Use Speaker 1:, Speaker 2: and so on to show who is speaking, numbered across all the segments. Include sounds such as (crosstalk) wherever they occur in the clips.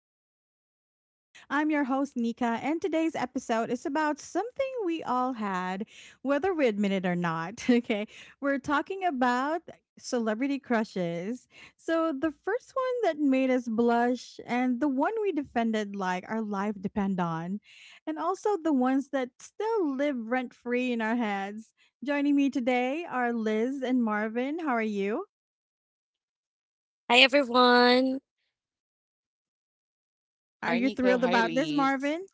Speaker 1: to Chit Chat with us. I'm your host, Nika, and today's episode is about something we all had, whether we admit it or not. (laughs) Okay, we're talking about celebrity crushes. So the first one that made us blush, and the one we defended like our life depend on, and also the ones that still live rent free in our heads. Joining me today are Liz and Marvin. How are you?
Speaker 2: Hi everyone.
Speaker 1: Are
Speaker 3: Hi,
Speaker 1: you
Speaker 3: Nika.
Speaker 1: thrilled
Speaker 3: Hi,
Speaker 1: about this,
Speaker 3: Elise.
Speaker 1: Marvin?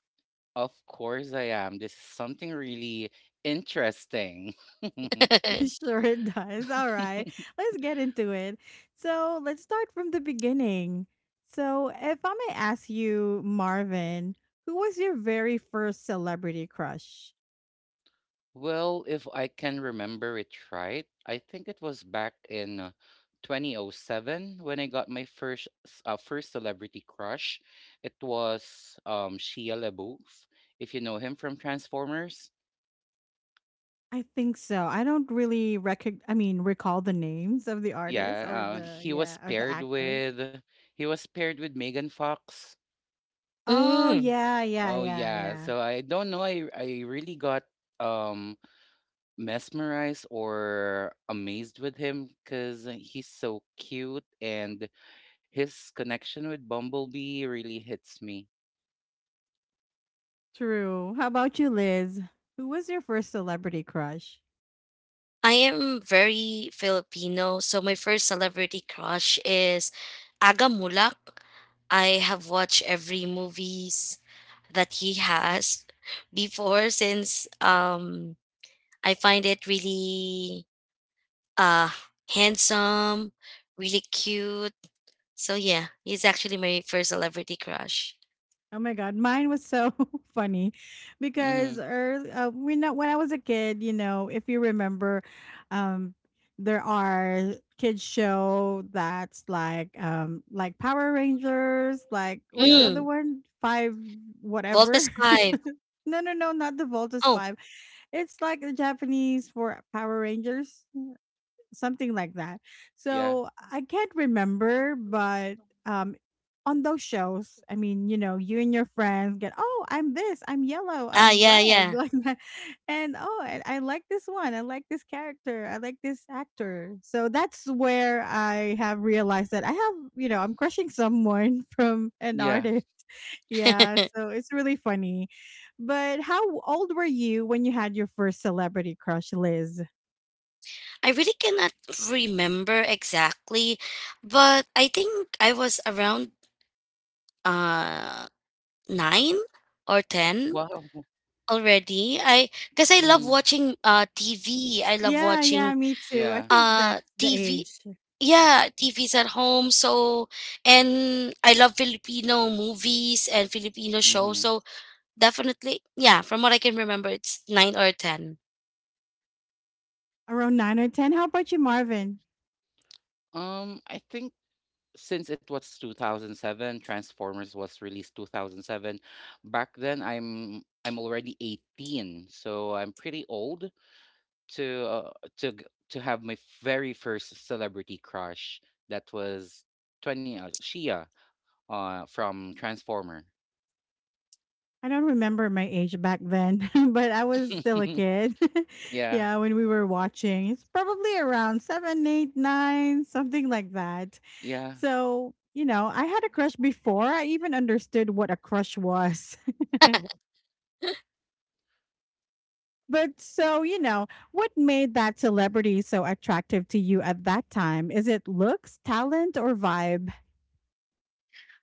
Speaker 3: Of course I am. This is something really interesting. (laughs)
Speaker 2: (laughs)
Speaker 1: (laughs) Sure it does. All right. Let's get into it. So let's start from the beginning. So if I may ask you, Marvin, who was your very first celebrity crush?
Speaker 3: Well, if I can remember it right, I think it was back in 2007 when I got my first first celebrity crush. It was Shia LaBeouf, if you know him from Transformers.
Speaker 1: I think so. I don't really recall the names of the artist or
Speaker 3: Yeah,
Speaker 1: the
Speaker 3: he was
Speaker 1: yeah, or the
Speaker 3: paired
Speaker 1: actor.
Speaker 3: with he was paired with Megan Fox.
Speaker 1: Oh,
Speaker 2: mm,
Speaker 1: yeah, yeah,
Speaker 3: Oh
Speaker 1: yeah,
Speaker 3: yeah.
Speaker 1: yeah.
Speaker 3: So I don't know. I really got um mesmerized or amazed with him because he's so cute and his connection with Bumblebee really hits me.
Speaker 1: True. How about you, Liz? Who was your first celebrity crush?
Speaker 2: I am very Filipino, so my first celebrity crush is Aga Mulak. I have watched every movies that he has before since I find it really uh handsome, really cute. So yeah, he's actually my first celebrity crush.
Speaker 1: Oh my god, mine was so (laughs) funny because
Speaker 3: Mm-hmm.
Speaker 1: early, we know when I was a kid, you know, if you remember, um, there are kids show that's like Power Rangers, like what's the
Speaker 3: Yeah.
Speaker 1: other
Speaker 2: Mm,
Speaker 1: one? Five whatever.
Speaker 2: Voltes 5.
Speaker 1: (laughs) No, not the Voltus
Speaker 2: Oh.
Speaker 1: Five. It's like the Japanese for Power Rangers, something like that.
Speaker 3: Yeah.
Speaker 1: So I can't remember, but um, on those shows, I mean, you know, you and your friends get, oh, I'm this, I'm yellow,
Speaker 2: Ah,
Speaker 1: I'm
Speaker 2: yeah,
Speaker 1: red, (laughs)
Speaker 2: yeah.
Speaker 1: like that, and oh, I like this one, I like this character, I like this actor. So that's where I have realized that I have, you know, I'm crushing someone (laughs) from an
Speaker 3: Yeah.
Speaker 1: artist. (laughs) Yeah,
Speaker 2: (laughs)
Speaker 1: so it's really funny. But how old were you when you had your first celebrity crush, Liz?
Speaker 2: I really cannot remember exactly, but I think I was around uh nine or ten
Speaker 3: Wow.
Speaker 2: already. I because I love
Speaker 3: Mm-hmm.
Speaker 2: watching TV. I love
Speaker 1: Yeah, yeah,
Speaker 2: watching
Speaker 1: me too. I
Speaker 3: Yeah.
Speaker 1: think that's the
Speaker 2: TV.
Speaker 1: age,
Speaker 2: Yeah, TVs at home. So and I love Filipino movies and Filipino shows.
Speaker 3: Mm-hmm.
Speaker 2: So definitely, yeah. From what I can remember, it's nine or ten.
Speaker 1: around 9 or 10. How about you, Marvin?
Speaker 3: I think since it was 2007, Transformers was released 2007. Back then, I'm already 18, so I'm pretty old to uh, to have my very first celebrity crush. That was 20 Shia from Transformer.
Speaker 1: I don't remember my age back then, (laughs) but I was still a
Speaker 3: (laughs)
Speaker 1: kid. (laughs)
Speaker 3: Yeah,
Speaker 1: Yeah, when we were watching, it's probably around 7, 8, 9, something like that.
Speaker 3: yeah.
Speaker 1: So, you know, I had a crush before I even understood what a crush was.
Speaker 2: (laughs)
Speaker 1: (laughs) But so, you know, what made that celebrity so attractive to you at that time? Is it looks, talent, or vibe?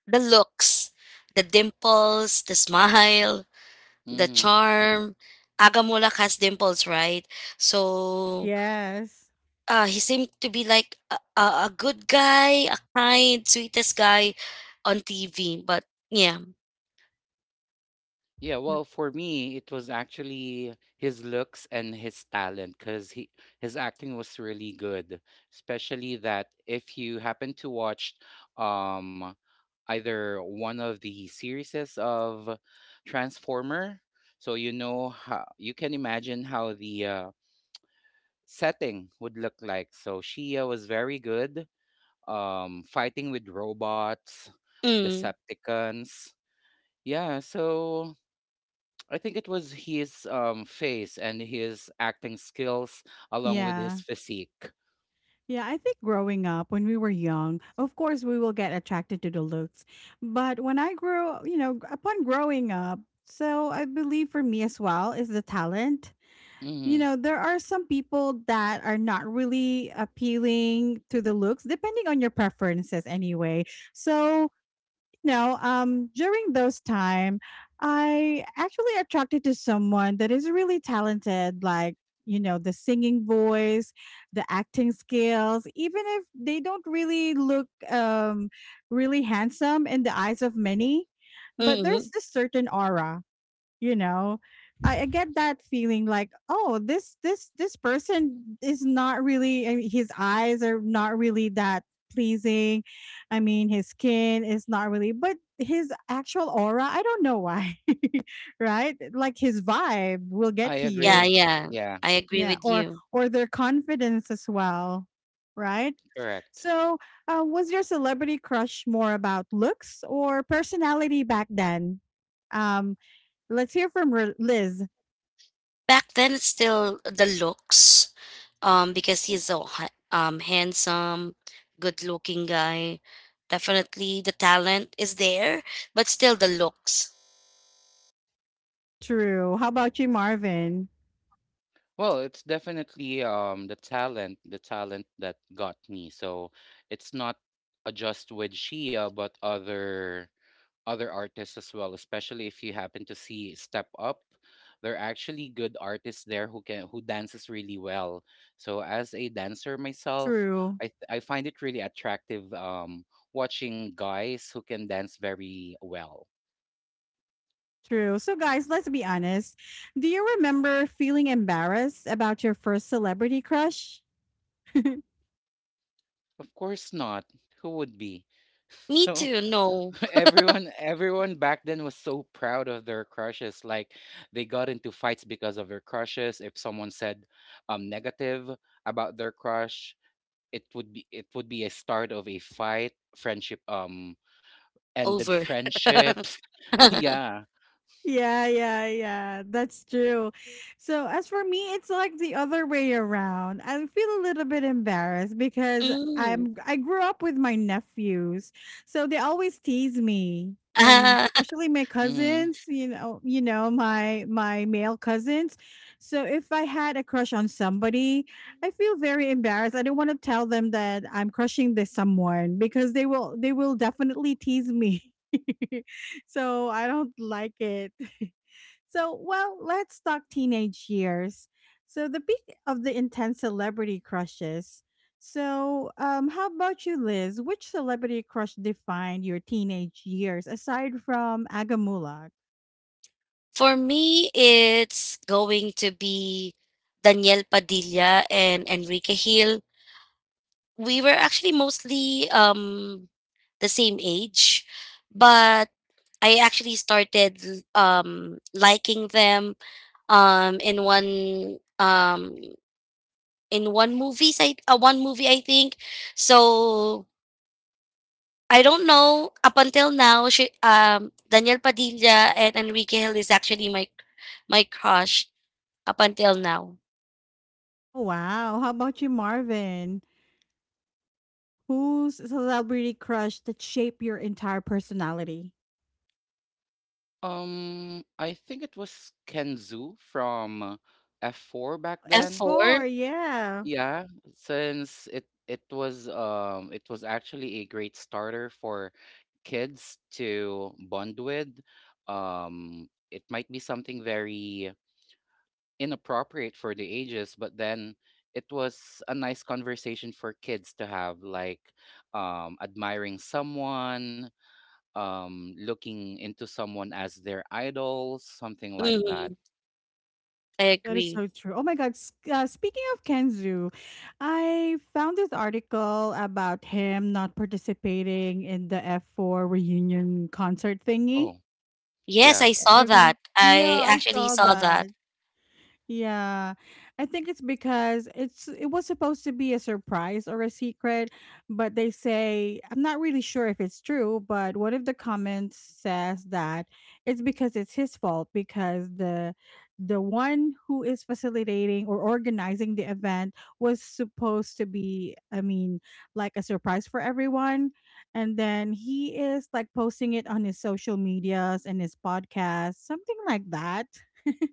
Speaker 2: The looks, the dimples, the smile, the
Speaker 3: Hmm.
Speaker 2: charm. Agamulak has dimples, right? So
Speaker 1: Yes.
Speaker 2: he seemed to be like a good guy, a kind, sweetest guy on TV. But yeah.
Speaker 3: Yeah, well,
Speaker 1: No-
Speaker 3: for me, it was actually his looks and his talent because he his acting was really good. Especially that if you happen to watch um either one of the series of Transformer, so you know how you can imagine how the setting would look like. So Shia was very good, fighting with robots,
Speaker 2: Mm.
Speaker 3: Decepticons. Yeah, so I think it was his face and his acting skills along with
Speaker 1: Yeah.
Speaker 3: his physique.
Speaker 1: Yeah, I think growing up when we were young, of course we will get attracted to the looks. But when I grew, you know, upon growing up, so I believe for me as well is the talent. You
Speaker 3: Hmm.
Speaker 1: know, there are some people that are not really appealing to the looks depending on your preferences anyway. So you know, during those time, I actually attracted to someone that is really talented, like, you know, the singing voice, the acting skills, even if they don't really look really handsome in the eyes of many, but there's
Speaker 2: Mm.
Speaker 1: this certain aura, you know, I get that feeling like, oh, this person is not really, I mean, his eyes are not really that pleasing. I mean, his skin is not really, but his actual aura, I don't know why. (laughs) Right, like his vibe will get
Speaker 3: I
Speaker 1: to
Speaker 2: Yeah,
Speaker 1: you.
Speaker 3: agree.
Speaker 2: yeah.
Speaker 3: Yeah,
Speaker 2: I agree
Speaker 1: Yeah,
Speaker 2: with you.
Speaker 1: or their confidence as well, right?
Speaker 3: correct.
Speaker 1: So was your celebrity crush more about looks or personality back then? um let's hear from Liz.
Speaker 2: Back then, it's still the looks, because he's so handsome, good-looking guy. Definitely, the talent is there, but still the looks.
Speaker 1: True. How about you, Marvin?
Speaker 3: Well, it's definitely the talent that got me. So it's not just with Shia, but other artists as well, especially if you happen to see Step Up. There are actually good artists there who dances really well. So as a dancer myself,
Speaker 1: True.
Speaker 3: I find it really attractive watching guys who can dance very well.
Speaker 1: True. So, guys, let's be honest. Do you remember feeling embarrassed about your first celebrity crush?
Speaker 3: Of course not. Who would be? (laughs)
Speaker 2: Me
Speaker 3: So
Speaker 2: too. No,
Speaker 3: (laughs) everyone back then was so proud of their crushes. Like, they got into fights because of their crushes. If someone said negative about their crush, it would be a start of a fight, friendship ended
Speaker 2: over.
Speaker 3: friendships. (laughs)
Speaker 2: (laughs)
Speaker 3: Yeah.
Speaker 1: Yeah, yeah, yeah. That's true. So as for me, it's like the other way around. I feel a little bit embarrassed because
Speaker 2: mm.
Speaker 1: I grew up with my nephews. So they always tease me. And especially my
Speaker 3: Hmm.
Speaker 1: cousins, you know, my male cousins. So if I had a crush on somebody, I feel very embarrassed. I don't want to tell them that I'm crushing this someone because they will definitely tease me. (laughs) So I don't like it. (laughs) So, well, let's talk teenage years. So the peak of the intense celebrity crushes. So how about you, Liz? Which celebrity crush defined your teenage years aside from Agamulak?
Speaker 2: For me, it's going to be Daniel Padilla and Enrique Hill. We were actually mostly the same age, but I actually started liking them um, in one um, in one movie. I one movie I think. So I don't know. Up until now, Daniel Padilla and Enrique Hill is actually my crush up until now.
Speaker 1: Oh, wow. How about you, Marvin? Whose celebrity crush that shaped your entire personality?
Speaker 3: I think it was Kenzu from F4 back then.
Speaker 1: F4,
Speaker 2: F4?
Speaker 1: yeah.
Speaker 3: Yeah, since it was actually a great starter for kids to bond with. Um it might be something very inappropriate for the ages, but then it was a nice conversation for kids to have, like admiring someone, looking into someone as their idol, something like that.
Speaker 2: Mhm, I
Speaker 1: That is
Speaker 2: agree.
Speaker 1: so true. Oh my God. Speaking of Kenzu, I found this article about him not participating in the F4 reunion concert thingy.
Speaker 3: Oh
Speaker 2: Yes,
Speaker 3: yeah,
Speaker 2: I saw
Speaker 1: Every-
Speaker 2: that. I
Speaker 1: Yeah, I
Speaker 2: actually
Speaker 1: saw
Speaker 2: saw
Speaker 1: that.
Speaker 2: that.
Speaker 1: Yeah, I think it's because it was supposed to be a surprise or a secret, but they say, I'm not really sure if it's true, but one of the comments says that it's because it's his fault because the one who is facilitating or organizing the event was supposed to be, I mean, like a surprise for everyone, and then he is like posting it on his social medias and his podcast, something like that.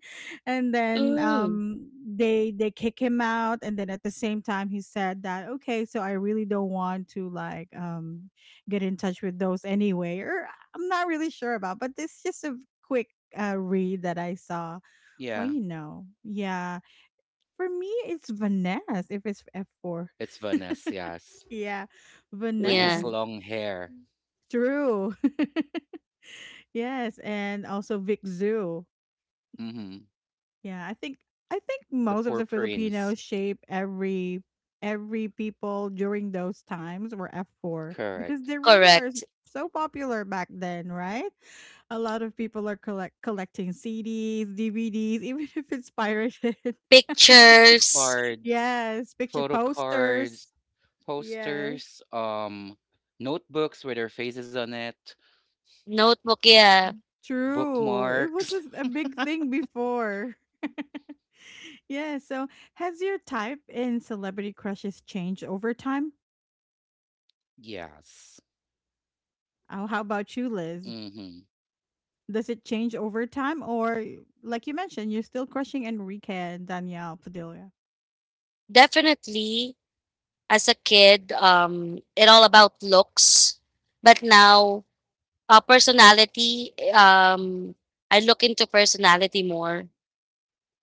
Speaker 1: (laughs) And then
Speaker 2: Mm,
Speaker 1: they kick him out, and then at the same time he said that, okay, so I really don't want to like get in touch with those anyway, or I'm not really sure about, but this is just a quick read that I saw. Well,
Speaker 3: yeah.
Speaker 1: you know, yeah, for me it's Vanessa, if it's F4.
Speaker 3: It's Vanessa, yes.
Speaker 1: (laughs) Yeah,
Speaker 3: With his
Speaker 2: yeah,
Speaker 1: Vanessa.
Speaker 3: long hair.
Speaker 1: True. (laughs) Yes, and also Vic Zoo.
Speaker 3: Mhm.
Speaker 1: Yeah, I think
Speaker 3: The
Speaker 1: most of
Speaker 3: poor
Speaker 1: the
Speaker 3: prince.
Speaker 1: Filipinos shape every people during those times were F4 because
Speaker 3: Correct.
Speaker 1: they really are s-
Speaker 2: correct.
Speaker 1: so popular back then, right? A lot of people are collecting CDs, DVDs, even (laughs) if it's pirated. (laughs)
Speaker 2: Pictures,
Speaker 3: Cards.
Speaker 1: Yes, picture
Speaker 3: Photo cards,
Speaker 1: posters. Yes,
Speaker 3: posters, notebooks with their faces on it.
Speaker 2: notebook, yeah.
Speaker 1: true. It was
Speaker 3: Bookmarks.
Speaker 1: a big thing before. (laughs) Yeah, so has your type in celebrity crushes changed over time?
Speaker 3: Yes.
Speaker 1: Oh, how about you, Liz?
Speaker 3: Mhm.
Speaker 1: Does it change over time, or like you mentioned, you're still crushing Enrique and Danielle Padilla?
Speaker 2: Definitely as a kid, it all about looks. But now personality, I look into personality more.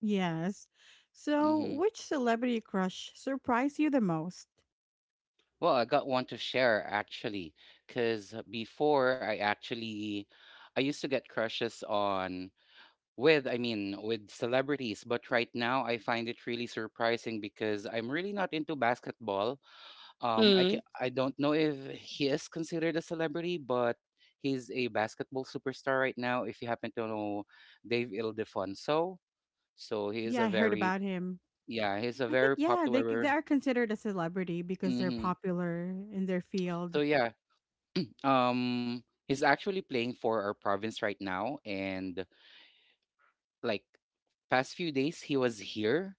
Speaker 1: Yes. So
Speaker 3: Mhm.
Speaker 1: which celebrity crush surprised you the most?
Speaker 3: Well, I got one to share actually, because before, I used to get crushes on with, I mean, with celebrities, but right now I find it really surprising because I'm really not into basketball. I
Speaker 2: Mm.
Speaker 3: ca- I don't know if he is considered a celebrity, but he's a basketball superstar right now. If you happen to know Dave Ildefonso, so he is
Speaker 1: Yeah,
Speaker 3: a
Speaker 1: I heard
Speaker 3: very,
Speaker 1: about him.
Speaker 3: yeah, he's a
Speaker 1: I think,
Speaker 3: very
Speaker 1: yeah, they they
Speaker 3: popular.
Speaker 1: are considered a celebrity because they're
Speaker 3: Mm-hmm.
Speaker 1: popular in their
Speaker 3: So
Speaker 1: field.
Speaker 3: yeah, he's actually playing for our province right now, and like, past few days he was here.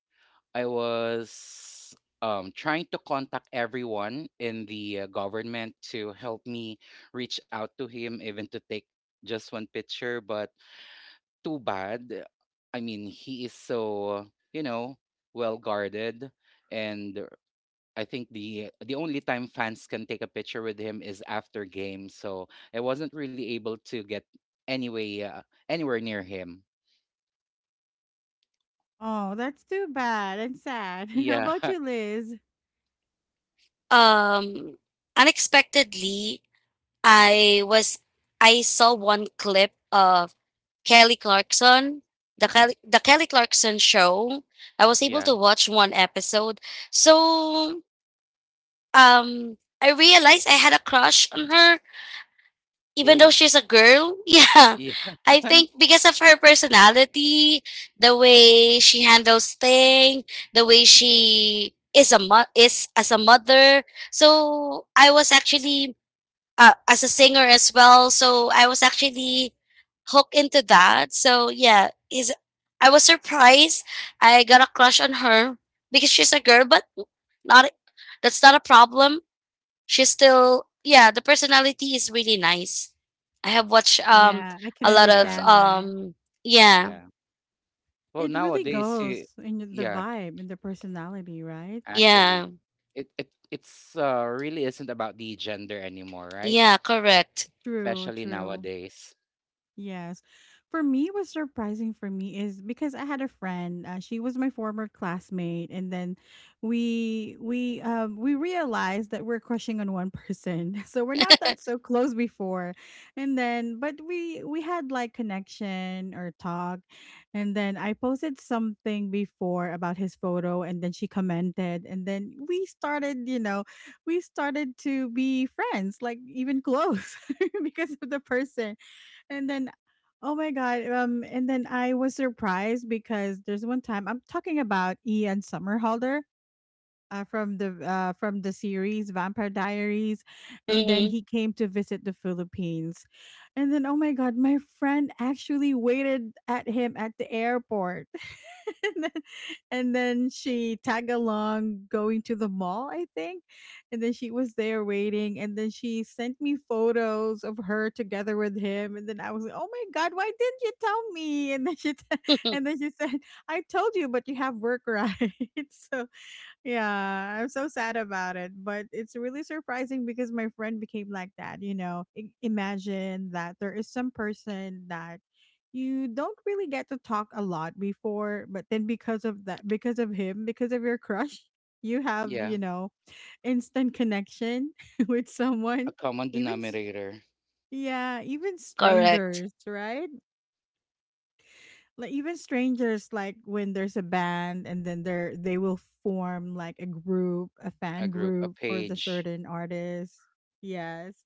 Speaker 3: I was trying to contact everyone in the government to help me reach out to him, even to take just one picture. But too bad. I mean, he is so you know well guarded, and I think the only time fans can take a picture with him is after game, so I wasn't really able to get anyway uh, anywhere near him.
Speaker 1: Oh, that's too bad and sad. (laughs) How
Speaker 3: Yeah,
Speaker 1: about you,
Speaker 3: (laughs)
Speaker 1: Liz?
Speaker 2: Um unexpectedly I was I saw one clip of Kelly Clarkson, the Kelly Clarkson show. I was able
Speaker 3: yeah.
Speaker 2: to watch one episode. So I realized I had a crush on her even
Speaker 3: Ooh,
Speaker 2: though she's a girl. (laughs) Yeah.
Speaker 3: yeah,
Speaker 2: I
Speaker 3: (laughs)
Speaker 2: think because of her personality, the way she handles things, the way she is a mo- is as a mother. So I was actually as a singer as well. So I was actually hooked into that. So yeah, is I was surprised. I got a crush on her because she's a girl, but not, that's not a problem. She's still, yeah, the personality is really nice. I have watched
Speaker 1: Yeah, I can
Speaker 2: a lot of
Speaker 3: yeah,
Speaker 1: understand that.
Speaker 2: yeah,
Speaker 3: yeah. Well,
Speaker 1: It really
Speaker 3: nowadays,
Speaker 1: goes in the
Speaker 3: yeah,
Speaker 1: vibe and the personality, right?
Speaker 3: actually,
Speaker 2: yeah,
Speaker 3: it's really isn't about the gender anymore, right?
Speaker 2: yeah, correct.
Speaker 1: True,
Speaker 3: Especially
Speaker 1: true.
Speaker 3: nowadays.
Speaker 1: Yes. For me, what's surprising for me is because I had a friend. She was my former classmate, and then we realized that we're crushing on one person, (laughs) so we're not that so close before. And then, but we had like connection or talk, and then I posted something before about his photo, and then she commented, and then we started, you know, we started to be friends, like even close, (laughs) because of the person. And then, oh my god, and then I was surprised because there's one time I'm talking about Ian Somerhalder. From the from the series Vampire Diaries, and then
Speaker 2: Mm-mm.
Speaker 1: he came to visit the Philippines, and then oh my god, my friend actually waited at him at the airport, (laughs) and then, and then she tag along going to the mall, I think. And then she was there waiting. And then she sent me photos of her together with him. And then I was like, oh my God, why didn't you tell me? And then (laughs)
Speaker 2: (laughs)
Speaker 1: and then she said, I told you, but you have work, right? (laughs) So yeah, I'm so sad about it, but it's really surprising because my friend became like that, you know. I- imagine that there is some person that you don't really get to talk a lot before, but then because of that, because of him, because of your crush, (laughs) you have,
Speaker 3: Yeah,
Speaker 1: you know, instant connection (laughs) with someone,
Speaker 3: a common
Speaker 1: even s-
Speaker 3: denominator,
Speaker 1: yeah, even
Speaker 2: Correct.
Speaker 1: strangers, right? Like even strangers, like when there's a band, and then they will form like a group, a
Speaker 3: a
Speaker 1: fan
Speaker 3: group, a
Speaker 1: group for the
Speaker 3: page.
Speaker 1: certain artist. Yes.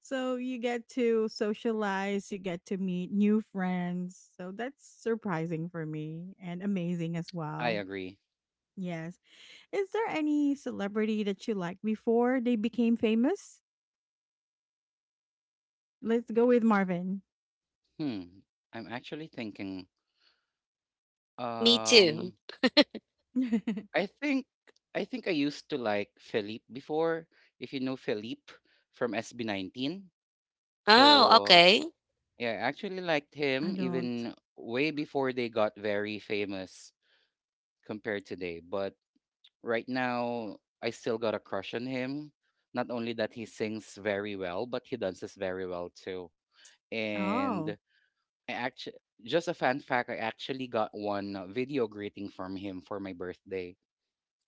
Speaker 1: So you get to socialize, you get to meet new friends, so that's surprising for me, and amazing as
Speaker 3: I
Speaker 1: well.
Speaker 3: agree.
Speaker 1: Yes. Is there any celebrity that you liked before they became famous? Let's go with Marvin.
Speaker 3: Hmm. I'm actually thinking.
Speaker 2: Me too.
Speaker 3: Um.
Speaker 1: (laughs)
Speaker 3: I think I think I used to like Philippe before, if you know Philippe from SB19.
Speaker 2: Oh,
Speaker 3: So
Speaker 2: okay.
Speaker 3: yeah, I actually liked him
Speaker 1: I don't.
Speaker 3: even way before they got very famous compared today. But right now I still got a crush on him. Not only that he sings very well, but he dances very well too. And
Speaker 1: Oh,
Speaker 3: I actually just a fun fact, I actually got one video greeting from him for my birthday.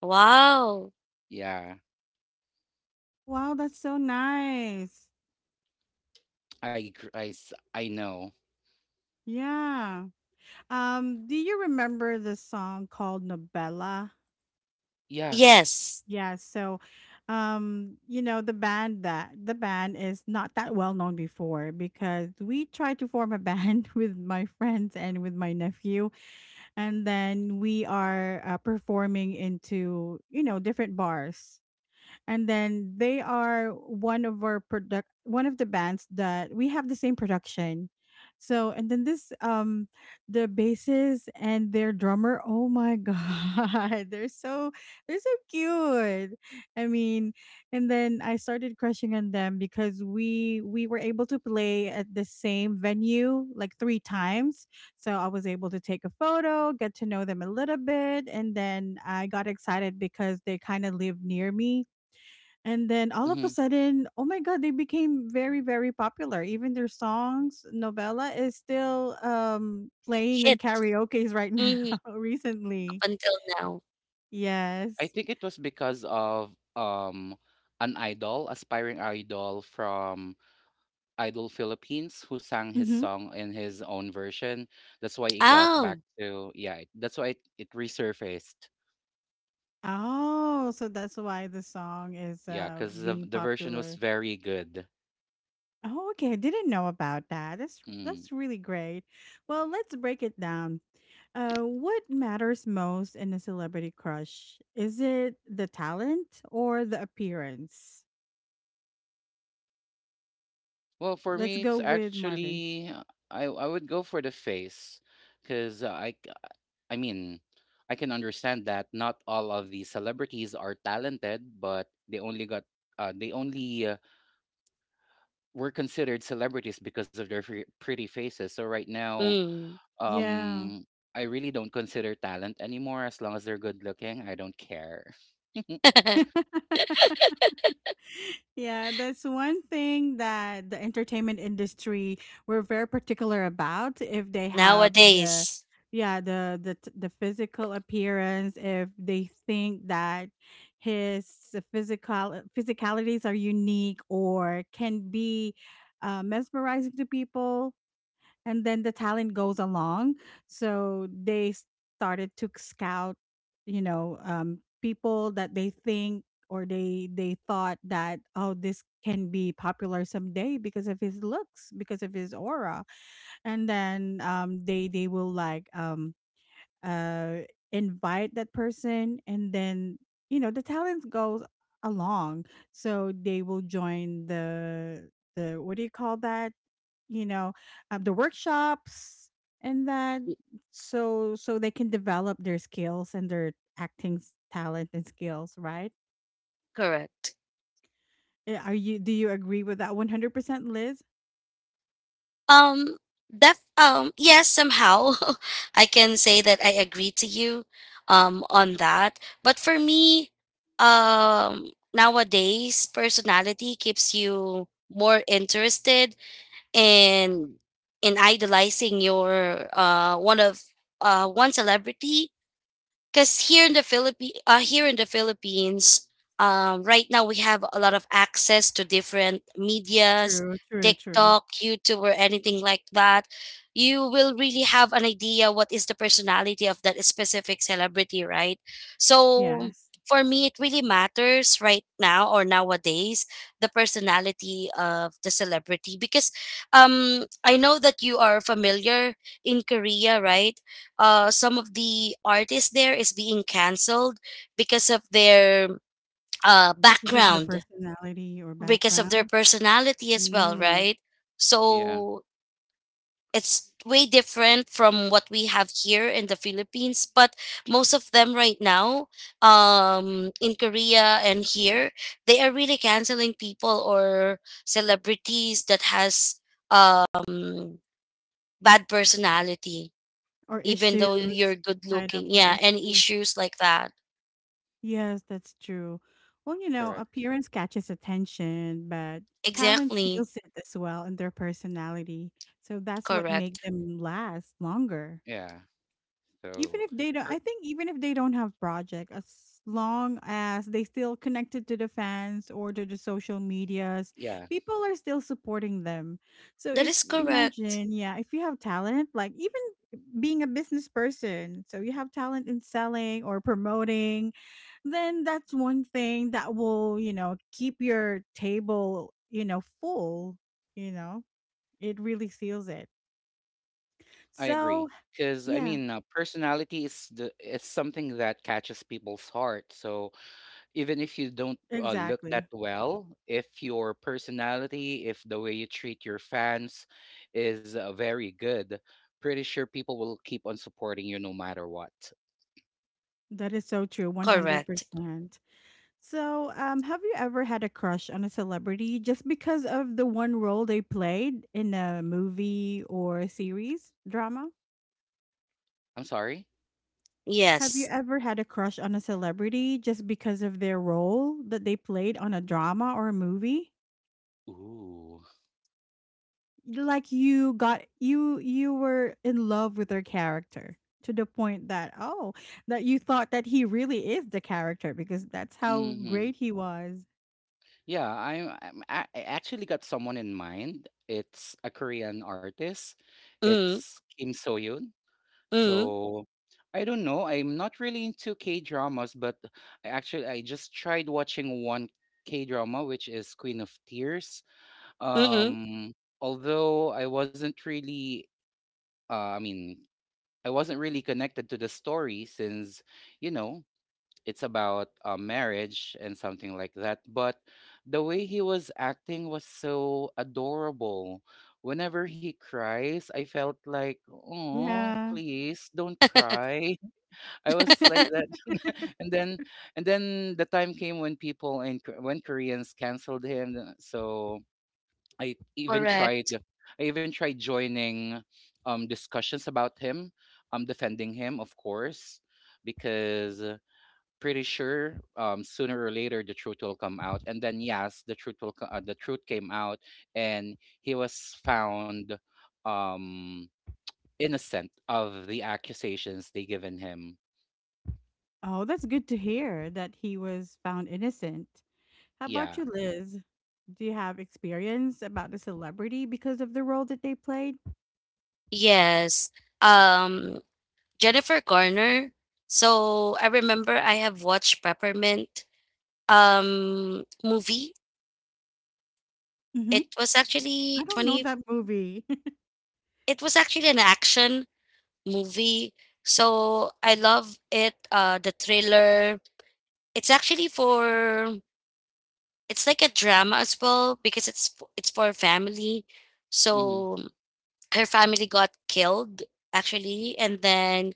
Speaker 2: Wow.
Speaker 3: Yeah.
Speaker 1: wow, that's so nice.
Speaker 3: I know.
Speaker 1: Yeah. Do you remember the song called Nobella?
Speaker 3: Yeah.
Speaker 2: Yes.
Speaker 1: Yeah, so you know, the band that the band is not that well known before because we tried to form a band (laughs) with my friends and with my nephew, and then we are performing into, you know, different bars, and then they are one of our product, one of the bands that we have the same production. So and then this, the bassist and their drummer, oh my (laughs) god, they're so cute, I mean. And then I started crushing on them because we were able to play at the same venue like three times. So I was able to take a photo, get to know them a little bit, and then I got excited because they kind of live near me. And then all of a
Speaker 3: Hmm.
Speaker 1: sudden, oh my god, they became very, very popular. Even their songs, Novella is still playing in
Speaker 2: Hit.
Speaker 1: karaoke's right now
Speaker 2: Mm-hmm.
Speaker 1: (laughs)
Speaker 2: Up
Speaker 1: recently.
Speaker 2: until now.
Speaker 3: I
Speaker 1: Yes.
Speaker 3: think it was because of aspiring idol from Idol Philippines who sang his
Speaker 1: Mm-hmm.
Speaker 3: song in his own version. That's why it got back
Speaker 2: Oh,
Speaker 3: to, yeah, that's why it resurfaced.
Speaker 1: Oh, so that's why the song is
Speaker 3: Yeah, because the
Speaker 1: being
Speaker 3: the version was
Speaker 1: popular.
Speaker 3: very good.
Speaker 1: Oh, okay. I didn't know about that. That's
Speaker 3: Mm.
Speaker 1: that's really great. Well, let's break it down. What matters most in a celebrity crush? Is it the talent or the appearance?
Speaker 3: Well, for
Speaker 1: Let's
Speaker 3: me,
Speaker 1: go
Speaker 3: it's
Speaker 1: with Marvin.
Speaker 3: actually I would go for the face, because I mean, I can understand that not all of the celebrities are talented, but they only got they only were considered celebrities because of their pretty faces. So right now,
Speaker 2: mm.
Speaker 1: Yeah.
Speaker 3: um, I really don't consider talent anymore. As long as they're good looking, I don't care. (laughs)
Speaker 2: (laughs)
Speaker 1: Yeah, that's one thing that the entertainment industry, we're very particular about if they have the,
Speaker 2: Nowadays.
Speaker 1: yeah, the physical appearance. If they think that his physicalities are unique or can be mesmerizing to people, and then the talent goes along. So they started to scout, you know, people that they think, or they thought that, oh, this can be popular someday because of his looks, because of his aura. And then they will uh invite that person, and then, you know, the talent goes along. So they will join the what do you call that, you know, the workshops, and that, so they can develop their skills and their acting talent and skills, right?
Speaker 2: Correct.
Speaker 1: Eh, are you do you agree with that 100%, Liz?
Speaker 2: Um, def yes, somehow (laughs) I can say that I agree to you on that. But for me, um, nowadays personality keeps you more interested in idolizing your one of one celebrity because here in
Speaker 3: Mhm.
Speaker 2: the Philippines, right now we have a lot of access to different medias,
Speaker 1: True, true, true.
Speaker 2: TikTok, YouTube, or anything like that. You will really have an idea what is the personality of that specific celebrity, right? So
Speaker 1: Yes,
Speaker 2: for me, it really matters right now or nowadays the personality of the celebrity because I know that you are familiar in Korea, right? Some of the artists there is being canceled because of their
Speaker 1: because of their
Speaker 2: background,
Speaker 1: personality or
Speaker 2: because of their
Speaker 1: background.
Speaker 2: personality as well,
Speaker 1: Mm.
Speaker 2: right?
Speaker 3: Yeah,
Speaker 2: So it's way different from what we have here in the Philippines. But most of them right now, in Korea and here, they are really canceling people or celebrities that has um, bad personality.
Speaker 1: Or
Speaker 2: Even though
Speaker 1: issues.
Speaker 2: you're good
Speaker 1: Tied up
Speaker 2: looking.
Speaker 1: with
Speaker 2: Yeah, and
Speaker 1: issues.
Speaker 2: issues like that.
Speaker 1: Yes, that's true. Well, you know,
Speaker 3: correct.
Speaker 1: appearance catches attention, but talent
Speaker 2: Exactly.
Speaker 1: seals it as well in their personality. So that's what
Speaker 2: Correct.
Speaker 1: makes them last longer.
Speaker 3: Yeah.
Speaker 1: Even
Speaker 3: So,
Speaker 1: if they don't,
Speaker 3: per-
Speaker 1: I think even if they don't have project, as long as they still connected to the fans or to the social medias,
Speaker 3: yeah,
Speaker 1: people are still supporting them. So
Speaker 2: That
Speaker 1: if
Speaker 2: is correct.
Speaker 1: imagine, yeah, if you have talent, like even being a business person, so you have talent in selling or promoting, then that's one thing that will, you know, keep your table, you know, full, you know. It really seals it.
Speaker 3: I
Speaker 1: So,
Speaker 3: agree. Because I
Speaker 1: yeah,
Speaker 3: mean, personality is the it's something that catches people's heart. So even if you don't look that
Speaker 1: exactly.
Speaker 3: well, if your personality, if the way you treat your fans is very good, pretty sure people will keep on supporting you no matter what.
Speaker 1: That is so true,
Speaker 2: Correct.
Speaker 1: 100%. So, have you ever had a crush on a celebrity just because of the one role they played in a movie or a series drama?
Speaker 3: I'm sorry.
Speaker 1: Have you
Speaker 2: Yes.
Speaker 1: ever had a crush on a celebrity just because of their role that they played on a drama or a movie?
Speaker 3: Ooh.
Speaker 1: Like you got, you were in love with their character to the point that, oh, that you thought that he really is the character because that's how great he was.
Speaker 3: Yeah, I actually got someone in mind. It's a Korean artist.
Speaker 2: Mm,
Speaker 3: It's Kim So Yoon.
Speaker 2: mm,
Speaker 3: So I don't know. I'm not really into K dramas, but I just tried watching one K drama, which is Queen of Tears.
Speaker 2: mm,
Speaker 3: Um, although I wasn't really, I mean, I wasn't really connected to the story since, you know, it's about marriage and something like that. But the way he was acting was so adorable. Whenever he cries, I felt like, oh,
Speaker 1: Yeah.
Speaker 3: please don't cry. (laughs) I was like that. (laughs) and then, and then the time came when people and when Koreans canceled him. So I even
Speaker 2: correct.
Speaker 3: tried, I even tried joining discussions about him. I'm defending him, of course, because pretty sure sooner or later the truth will come out. And then yes, the truth came out, and he was found um, innocent of the accusations they given him.
Speaker 1: Oh, that's good to hear that he was found innocent. How about
Speaker 3: Yeah.
Speaker 1: you, Liz? Do you have experience about the celebrity because of the role that they played?
Speaker 2: Yes. Um, Jennifer Garner. So I remember I have watched Peppermint movie.
Speaker 1: Mm-hmm.
Speaker 2: It was
Speaker 1: I
Speaker 2: actually
Speaker 1: don't know
Speaker 2: 20,
Speaker 1: that movie. (laughs)
Speaker 2: it was actually an action movie. So I love it, the thriller. It's actually for, it's like a drama as well because it's for family.
Speaker 3: Mm-hmm.
Speaker 2: So her family got killed actually, and then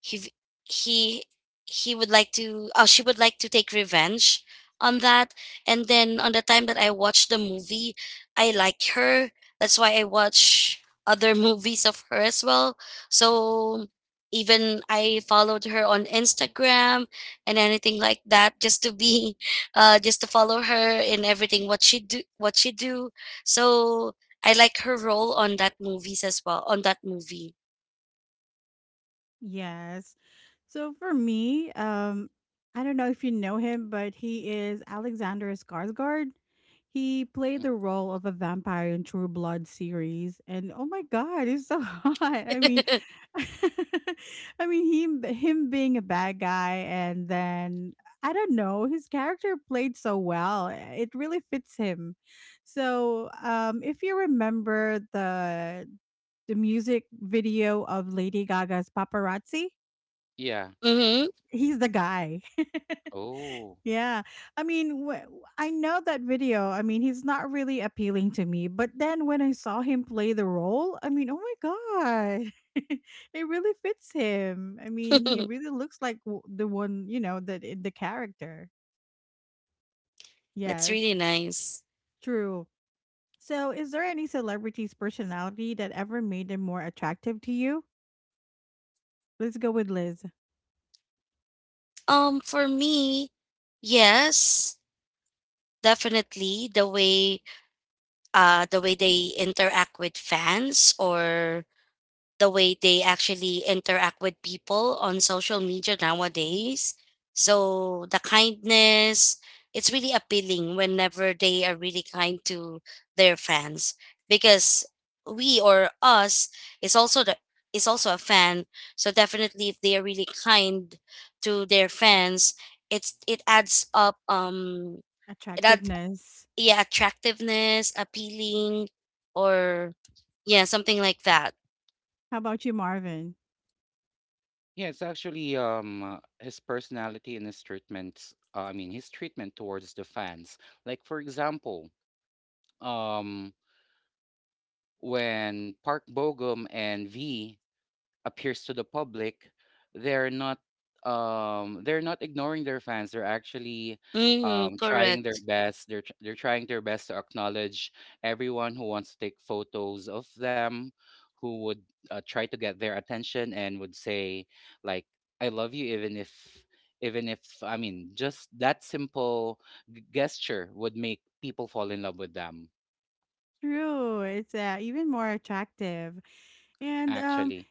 Speaker 2: he v- he he would like to, oh, she would like to take revenge on that. And then on the time that I watched the movie, I like her. That's why I watch other (laughs) movies of her as well. So even I followed her on Instagram and anything like that, just to be (laughs) just to follow her in everything what she do so I like her role on that movies as well, on that movie.
Speaker 1: Yes. So for me, I don't know if you know him, but he is Alexander Skarsgård. He played
Speaker 3: Mm.
Speaker 1: the role of a vampire in True Blood series, and oh my God, he's so (laughs) hot. I mean,
Speaker 2: (laughs)
Speaker 1: (laughs) I mean, him being a bad guy, and then I don't know, his character played so well. It really fits him. So, if you remember the, music video of Lady Gaga's Paparazzi,
Speaker 3: Yeah.
Speaker 2: Mm-hmm.
Speaker 1: he's the guy. (laughs)
Speaker 3: Oh.
Speaker 1: Yeah. I mean, I know that video. I mean, he's not really appealing to me, but then when I saw him play the role, I mean, oh my god. (laughs) It really fits him. I mean, he
Speaker 2: (laughs)
Speaker 1: really looks like the one, you know, that the character.
Speaker 2: That's
Speaker 1: Yes,
Speaker 2: really nice.
Speaker 1: true. So, is there any celebrity's personality that ever made them more attractive to you? Let's go with Liz.
Speaker 2: For me, yes, definitely the way they interact with fans or the way they actually interact with people on social media nowadays. So the kindness, it's really appealing whenever they are really kind to their fans, because we or us is also the, is also a fan. So definitely if they are really kind to their fans, it's, it adds up it add
Speaker 1: Attractiveness.
Speaker 2: yeah, attractiveness, appealing, or yeah, something like that.
Speaker 1: How about you, Marvin?
Speaker 3: Yeah, it's actually his personality and his treatment. I mean, his treatment towards the fans. Like, for example, um, when Park Bogum and V appears to the public, they're not they're not ignoring their fans. They're actually
Speaker 2: Mm,
Speaker 3: trying their
Speaker 2: correct.
Speaker 3: best. They're trying their best to acknowledge everyone who wants to take photos of them, who would try to get their attention and would say, like, I love you. Even if, I mean, just that simple gesture would make people fall in love with them.
Speaker 1: True. It's even more attractive. And
Speaker 3: Actually.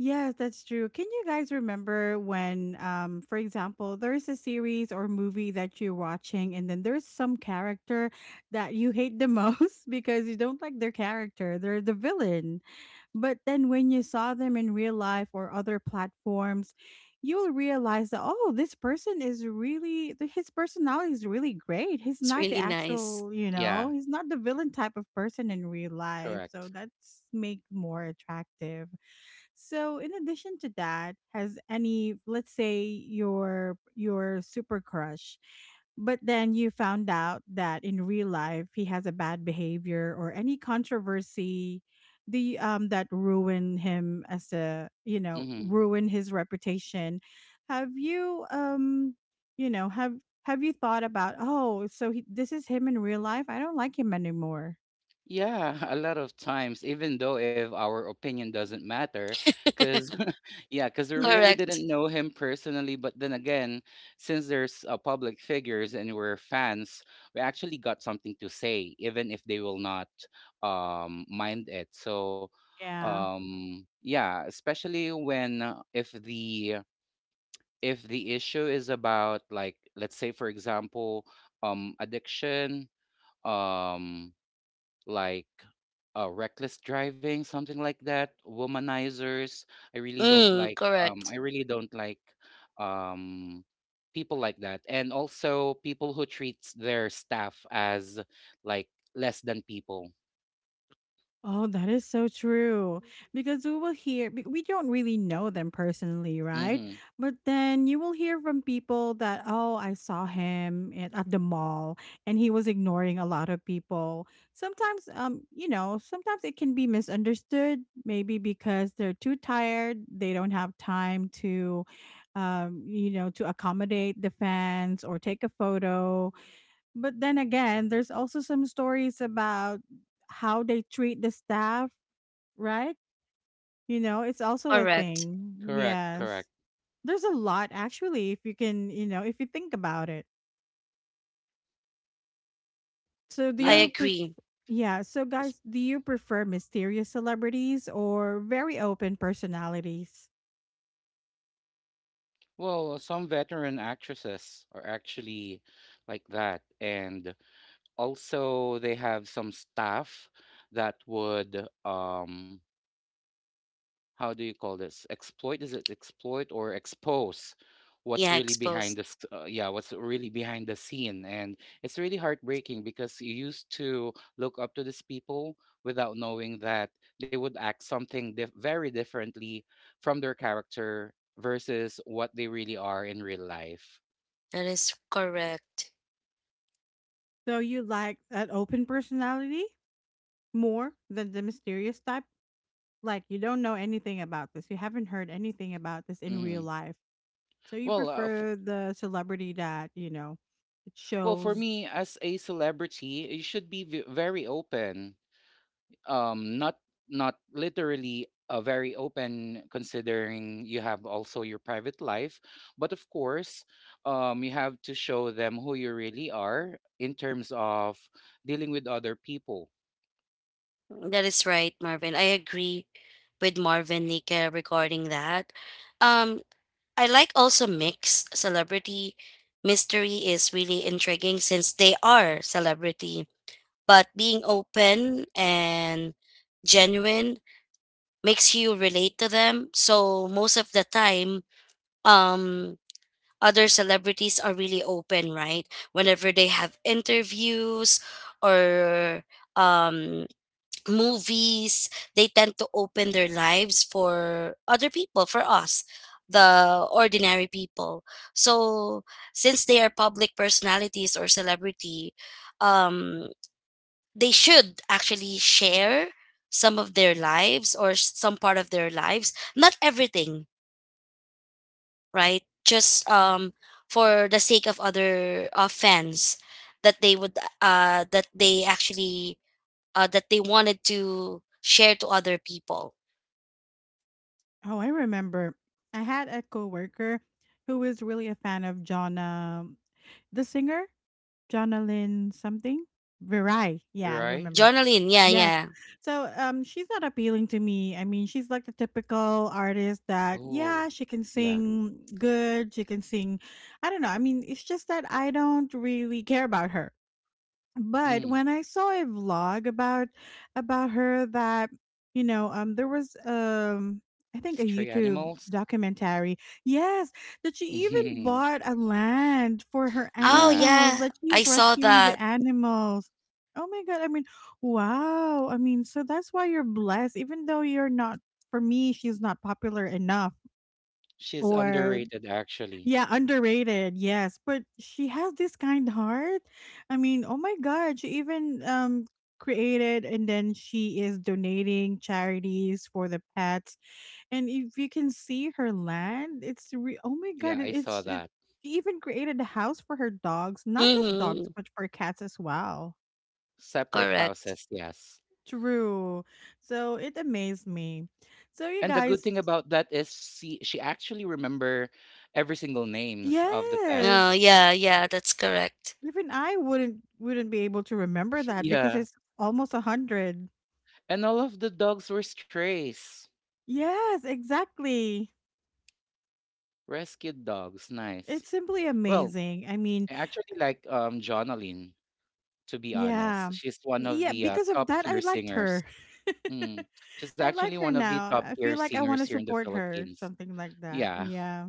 Speaker 1: yes, that's true. Can you guys remember when, um, for example, there's a series or movie that you're watching and then there's some character that you hate the most (laughs) because you don't like their character. They're the villain. But then when you saw them in real life or other platforms, you'll realize that, oh, this person is really his personality is really great. He's
Speaker 2: It's
Speaker 1: not the
Speaker 2: really nice.
Speaker 1: actual, you
Speaker 3: Yeah.
Speaker 1: know, he's not the villain type of person in real life. So
Speaker 3: Correct.
Speaker 1: that's make more attractive. So in addition to that, has any, let's say your super crush, but then you found out that in real life he has a bad behavior or any controversy, the that ruin him as a, you know,
Speaker 3: Mm-hmm.
Speaker 1: ruin his reputation. Have you you know have you thought about, oh, so he, this is him in real life, I don't like him anymore.
Speaker 3: Yeah, (laughs) a lot of times, even though if our opinion doesn't matter, because (laughs) yeah, because
Speaker 1: (laughs)
Speaker 3: we really
Speaker 1: Yeah,
Speaker 2: Correct.
Speaker 3: didn't know him personally. But then again, since there's public figures and we're fans, we actually got something to say, even if they will not mind it. So,
Speaker 1: yeah.
Speaker 3: yeah, especially when if the issue is about, like, let's say, for example, addiction, um, like, reckless driving, something like that, womanizers. I really don't
Speaker 2: Mm,
Speaker 3: like.
Speaker 2: correct.
Speaker 3: I really don't like um, people like that, and also people who treats their staff as, like, less than people.
Speaker 1: Oh, that is so true. Because we will hear, we don't really know them personally, right?
Speaker 3: Mm-hmm.
Speaker 1: But then you will hear from people that, oh, I saw him at the mall, and he was ignoring a lot of people. Sometimes, you know, sometimes it can be misunderstood, maybe because they're too tired, they don't have time to, you know, to accommodate the fans or take a photo, but then again, there's also some stories about how they treat the staff, right? You know, it's also a
Speaker 2: Correct.
Speaker 1: thing.
Speaker 3: Correct.
Speaker 1: Yes.
Speaker 3: Correct.
Speaker 1: There's a lot actually if you can, you know, if you think about it. So do
Speaker 2: I
Speaker 3: Yeah.
Speaker 1: you pref-
Speaker 2: agree.
Speaker 1: yeah, so
Speaker 3: it's-
Speaker 1: guys, do you prefer mysterious celebrities or very open personalities?
Speaker 3: Well, some veteran actresses are actually like that, and also they have some staff that would um how do you call this, exploit? Is it exploit or expose, what's
Speaker 2: Yeah,
Speaker 3: really behind
Speaker 2: exposed.
Speaker 3: this yeah, what's really behind the scene? And it's really heartbreaking because you used to look up to these people without knowing that they would act something very differently from their character versus what they really are in real life.
Speaker 2: That is correct.
Speaker 1: So you like an open personality more than the mysterious type? Like you don't know anything about this. You haven't heard anything about this in real
Speaker 3: Hmm.
Speaker 1: life. So you
Speaker 3: well uh, f-
Speaker 1: prefer the celebrity that, you know, it
Speaker 3: well for
Speaker 1: shows.
Speaker 3: me as a celebrity, you should be very open. Not, not literally a very open, considering you have also your private life, but of course you have to show them who you really are in terms of dealing with other people,
Speaker 2: That is right, Marvin. I agree with Marvin, Nika, regarding that. Um, I like also mix celebrity. Mystery is really intriguing since they are celebrity, but being open and genuine makes you relate to them. So most of the time, um other celebrities are really open, right? Whenever they have interviews or um, (tsk) movies, they tend to open their lives for other people, for us, the ordinary people. So, since they are public personalities or celebrity, um, they should actually share some of their lives or some part of their lives, not everything, right? Just for the sake of other fans that they would that they wanted to share to other people.
Speaker 1: Oh, I remember I had a coworker who was really a fan of Jonna, the singer, Jonna Lynn something. Virai. Yeah, I
Speaker 3: right?
Speaker 1: remember.
Speaker 2: Journaling, yeah,
Speaker 1: Yes.
Speaker 2: yeah.
Speaker 1: So, um, she's not appealing to me. I mean, she's like the typical artist that,
Speaker 3: Oh
Speaker 1: yeah, she can
Speaker 3: yeah.
Speaker 1: sing good, she can sing. I don't know. I mean, it's just that I don't really care about her. But
Speaker 3: Mm.
Speaker 1: when I saw a vlog about her that, you know, there was I think a
Speaker 3: Stray
Speaker 1: YouTube
Speaker 3: animals.
Speaker 1: documentary. Yes, that she even
Speaker 3: (laughs)
Speaker 1: bought a land for her
Speaker 2: Oh
Speaker 3: Yeah,
Speaker 1: animals,
Speaker 2: yeah,
Speaker 1: that
Speaker 2: I
Speaker 1: she's
Speaker 2: saw
Speaker 1: rescuing
Speaker 2: that.
Speaker 1: the animals. Oh my god, I mean, wow. I mean, so that's why you're blessed even though you're not, for me she's not popular enough,
Speaker 3: she's
Speaker 1: or
Speaker 3: underrated actually.
Speaker 1: yeah, underrated. Yes, but she has this kind heart. I mean, oh my god, she even created, and then she is donating charities for the pets. And if you can see her land, it's oh my
Speaker 3: Yeah,
Speaker 1: god,
Speaker 3: I
Speaker 1: it-
Speaker 3: saw
Speaker 1: it's it
Speaker 3: that.
Speaker 1: she even created a house for her dogs, not just
Speaker 2: Mm-hmm.
Speaker 1: dogs, but for cats as well.
Speaker 3: Separate
Speaker 2: Correct.
Speaker 3: houses, yes.
Speaker 1: True. So it amazed me. So you
Speaker 3: And the good thing
Speaker 1: guys,
Speaker 3: about that is she actually remember every single names of the
Speaker 1: yes,
Speaker 2: Oh
Speaker 3: pets.
Speaker 2: yeah, yeah, that's correct.
Speaker 1: even I wouldn't be able to remember
Speaker 3: (laughs)
Speaker 1: that because
Speaker 3: Yeah.
Speaker 1: it's almost a hundred.
Speaker 3: And all of the dogs were strays,
Speaker 1: Yes, exactly.
Speaker 3: rescued dogs. Nice.
Speaker 1: It's simply
Speaker 3: Well,
Speaker 1: amazing. I mean,
Speaker 3: I actually like Jonalyn, to be
Speaker 1: yeah.
Speaker 3: honest. She's one of
Speaker 1: Yeah,
Speaker 3: the
Speaker 1: because of
Speaker 3: top
Speaker 1: that I
Speaker 3: tier
Speaker 1: liked
Speaker 3: singers.
Speaker 1: her. (laughs)
Speaker 3: Hmm. She's
Speaker 1: I
Speaker 3: actually
Speaker 1: like
Speaker 3: one
Speaker 1: her
Speaker 3: of the
Speaker 1: now.
Speaker 3: top
Speaker 1: I
Speaker 3: tier
Speaker 1: feel like I
Speaker 3: singers
Speaker 1: want to
Speaker 3: here in the
Speaker 1: support her,
Speaker 3: Philippines.
Speaker 1: something like that.
Speaker 3: Yeah.
Speaker 1: Yeah.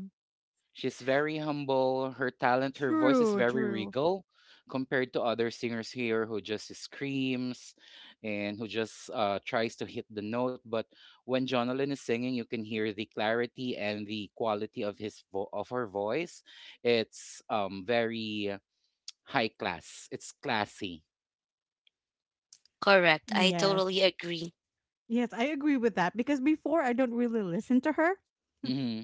Speaker 3: She's very humble. Her talent, her voice is
Speaker 1: True,
Speaker 3: very
Speaker 1: true.
Speaker 3: regal compared to other singers here who just screams and who just tries to hit the note. But when Jonathan is singing, you can hear the clarity and the quality of his vo- of her voice. It's very high class. It's classy.
Speaker 2: Correct. I
Speaker 1: Yes.
Speaker 2: totally agree.
Speaker 1: Yes, I agree with that because before I don't really listen to her,
Speaker 3: hmm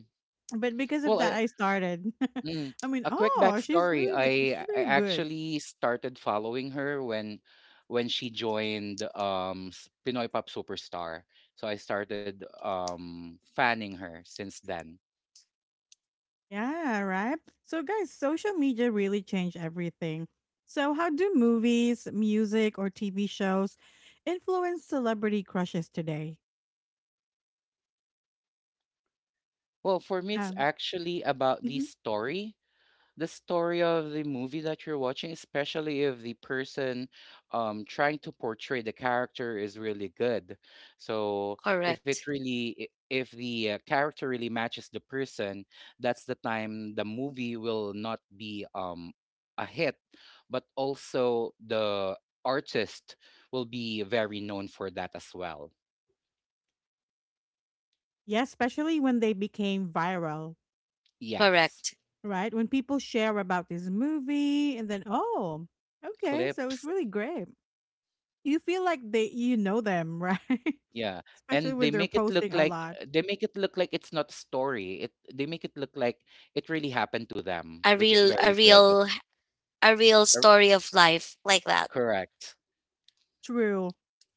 Speaker 1: but because of
Speaker 3: Well,
Speaker 1: that
Speaker 3: I
Speaker 1: I started.
Speaker 3: Mm.
Speaker 1: (laughs) I mean,
Speaker 3: A quick
Speaker 1: oh, she's
Speaker 3: backstory.
Speaker 1: really like,
Speaker 3: I
Speaker 1: she's
Speaker 3: I
Speaker 1: really good.
Speaker 3: actually started following her when she joined Pinoy Pop Superstar. So I started fanning her since then.
Speaker 1: Yeah, right. So, guys, social media really changed everything. So, how do movies, music, or TV shows influence celebrity crushes today?
Speaker 3: Well, for me it's
Speaker 1: Um,
Speaker 3: actually about
Speaker 1: mhm.
Speaker 3: the story of the movie that you're watching, especially if the person trying to portray the character is really good. So if it
Speaker 2: Correct.
Speaker 3: really, i- if the character really matches the person, that's the time the movie will not be a hit, but also the artist will be very known for that as well.
Speaker 1: Yeah, especially when they became viral,
Speaker 3: Yes,
Speaker 2: Correct.
Speaker 1: right? When people share about this movie, and then, oh, okay, so it's
Speaker 3: clips.
Speaker 1: really great. You feel like they, you know them, right?
Speaker 3: Yeah,
Speaker 1: (laughs) Especially
Speaker 3: and
Speaker 1: when
Speaker 3: they
Speaker 1: they're
Speaker 3: make it look
Speaker 1: posting a
Speaker 3: like
Speaker 1: lot.
Speaker 3: they make it look like it's not a story. It They make it look like it really happened to them,
Speaker 2: A
Speaker 3: which is
Speaker 2: real,
Speaker 3: very good.
Speaker 2: a real
Speaker 3: Cor-
Speaker 2: story of life like that.
Speaker 3: Correct.
Speaker 1: True.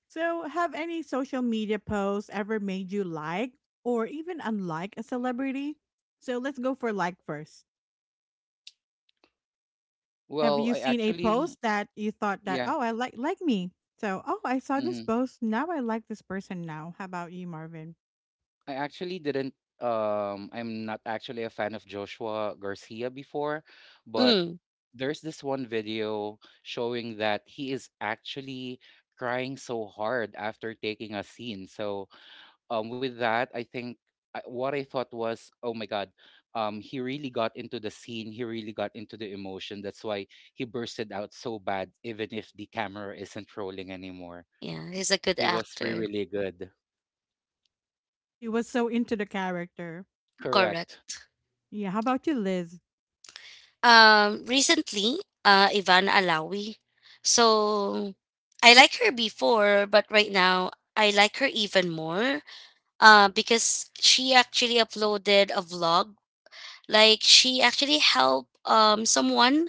Speaker 1: So, have any social media posts ever made you like or even unlike a celebrity? So, let's go for like first. Have
Speaker 3: Well,
Speaker 1: you
Speaker 3: I
Speaker 1: seen a
Speaker 3: actually,
Speaker 1: post that you thought that,
Speaker 3: yeah,
Speaker 1: oh, I like me? So, oh, I saw this
Speaker 3: hmm
Speaker 1: post. Now I like this person now. How about you, Marvin?
Speaker 3: I actually didn't. I'm not actually a fan of Joshua Garcia before, but
Speaker 2: Mm.
Speaker 3: there's this one video showing that he is actually crying so hard after taking a scene. So with that, what I thought was, oh my God, he really got into the scene. He really got into the emotion. That's why he bursted out so bad, even if the camera isn't rolling anymore.
Speaker 2: Yeah, he's a good
Speaker 3: He was
Speaker 2: actor.
Speaker 3: really, really good.
Speaker 1: You was so into the character.
Speaker 3: Correct.
Speaker 2: Correct.
Speaker 1: Yeah, how about you, Liz?
Speaker 2: Recently, Ivana Alawi. So I like her before, but right now I like her even more. Because she actually uploaded a vlog. Like she actually helped someone.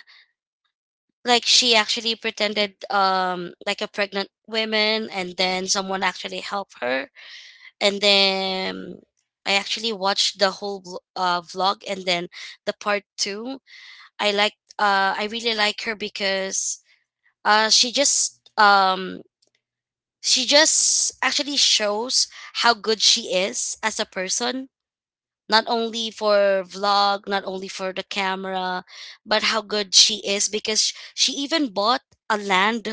Speaker 2: Like she actually pretended like a pregnant woman, and then someone actually helped her, and then I actually watched the whole vlog. And then the part two, I like I really like her because uh she just um she just actually shows how good she is as a person, not only for vlog, not only for the camera, but how good she is because she even bought a land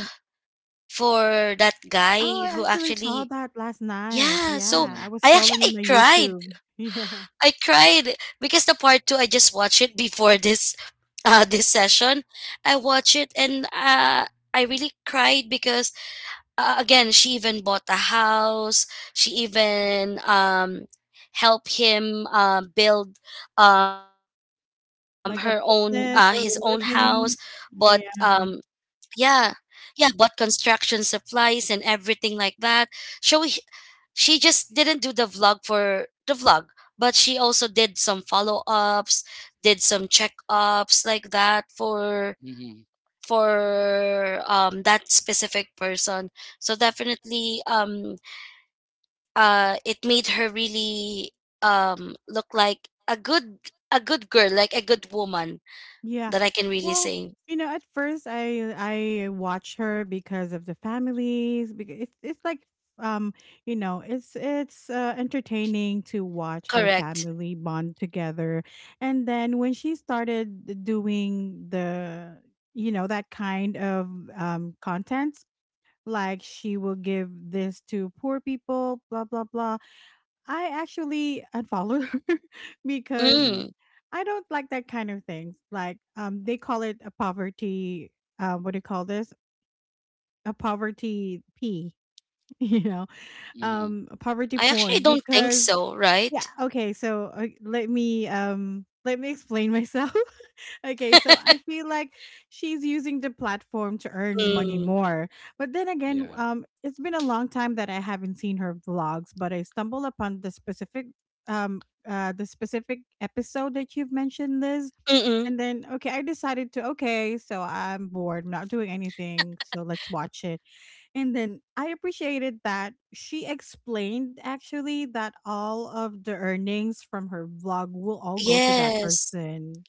Speaker 2: for that
Speaker 1: Oh,
Speaker 2: guy
Speaker 1: I
Speaker 2: who
Speaker 1: actually saw
Speaker 2: actually,
Speaker 1: that last night.
Speaker 2: yeah. So
Speaker 3: Mm-hmm.
Speaker 1: Yeah, I was
Speaker 2: I
Speaker 1: scrolling in
Speaker 2: actually
Speaker 1: my
Speaker 2: cried.
Speaker 1: YouTube. (laughs) Yeah,
Speaker 2: I cried because the part two, I just watched it before this (laughs) this session. I watched it and I really cried because, again, she even bought a house. She even helped him build her own his own
Speaker 1: like a
Speaker 2: house,
Speaker 1: business or a
Speaker 2: but
Speaker 1: living. Yeah.
Speaker 2: yeah, yeah, bought construction supplies and everything like that. So she just didn't do the vlog for the vlog, but she also did some follow-ups, did some check-ups like that for
Speaker 3: Mm-hmm.
Speaker 2: that specific person. So definitely, it made her really look like a good, a good girl, like a good woman
Speaker 1: Yeah.
Speaker 2: that I can really
Speaker 1: Well,
Speaker 2: say.
Speaker 1: you know, at first I watch her because of the families because it's like, um, you know, it's entertaining to watch her
Speaker 2: Correct.
Speaker 1: family bond together. And then when she started doing the, you know, that kind of content, like she will give this to poor people, blah blah blah. I actually unfollowed (laughs) her because
Speaker 3: Mm-hmm.
Speaker 2: Mm,
Speaker 1: I don't like that kind of things. Like, they call it a poverty. What do you call this? A poverty P. (laughs) You know,
Speaker 3: Mm-hmm.
Speaker 1: a poverty
Speaker 2: I actually
Speaker 1: porn
Speaker 2: don't think
Speaker 1: because
Speaker 2: so,
Speaker 1: yeah.
Speaker 2: right?
Speaker 1: Okay, so let me explain myself. (laughs) Okay, so I feel like she's using the platform to earn money
Speaker 2: Mm,
Speaker 1: more. But then again,
Speaker 3: Yeah.
Speaker 1: it's been a long time that I haven't seen her vlogs, but I stumbled upon the specific um the specific episode that you've mentioned, Liz.
Speaker 2: mm-mm.
Speaker 1: And then, okay, I decided to, okay, so I'm bored, I'm not doing anything, so let's watch it. And then I appreciated that she explained actually that all of the earnings from her vlog will all go to that
Speaker 2: Yes,
Speaker 1: person,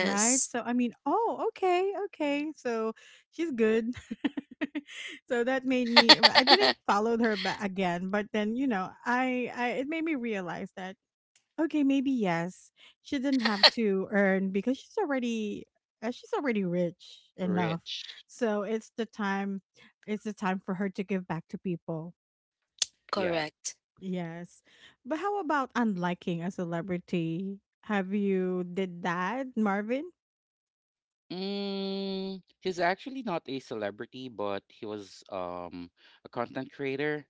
Speaker 1: right? So, I mean, oh, okay, okay, so she's good. (laughs) So that made me, I didn't
Speaker 2: (laughs)
Speaker 1: follow her back again, but then you know I it made me realize that, okay, maybe yes. She didn't have to earn because she's already rich enough.
Speaker 3: Rich.
Speaker 1: So it's the time, it's the time for her to give back to people.
Speaker 3: Yeah.
Speaker 2: Correct.
Speaker 1: Yes. But how about unliking a celebrity? Have you did that, Marvin?
Speaker 3: He's actually not a celebrity, but he was a content creator.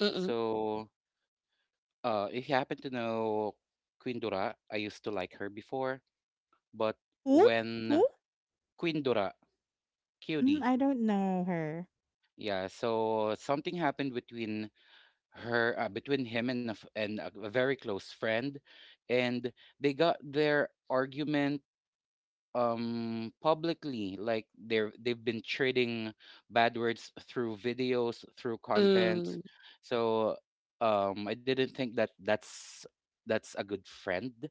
Speaker 2: Mm-mm.
Speaker 3: So uh, if you happen to know Queen Dura, I used to like her before, but
Speaker 1: Who?
Speaker 3: when
Speaker 1: Who?
Speaker 3: Queen Dura,
Speaker 1: Mm,
Speaker 3: QD,
Speaker 1: I don't know her.
Speaker 3: yeah, so something happened between between him and a very close friend, and they got their argument publicly like they've been trading bad words through videos through content.
Speaker 2: Mm,
Speaker 3: So I didn't think that that's a good friend.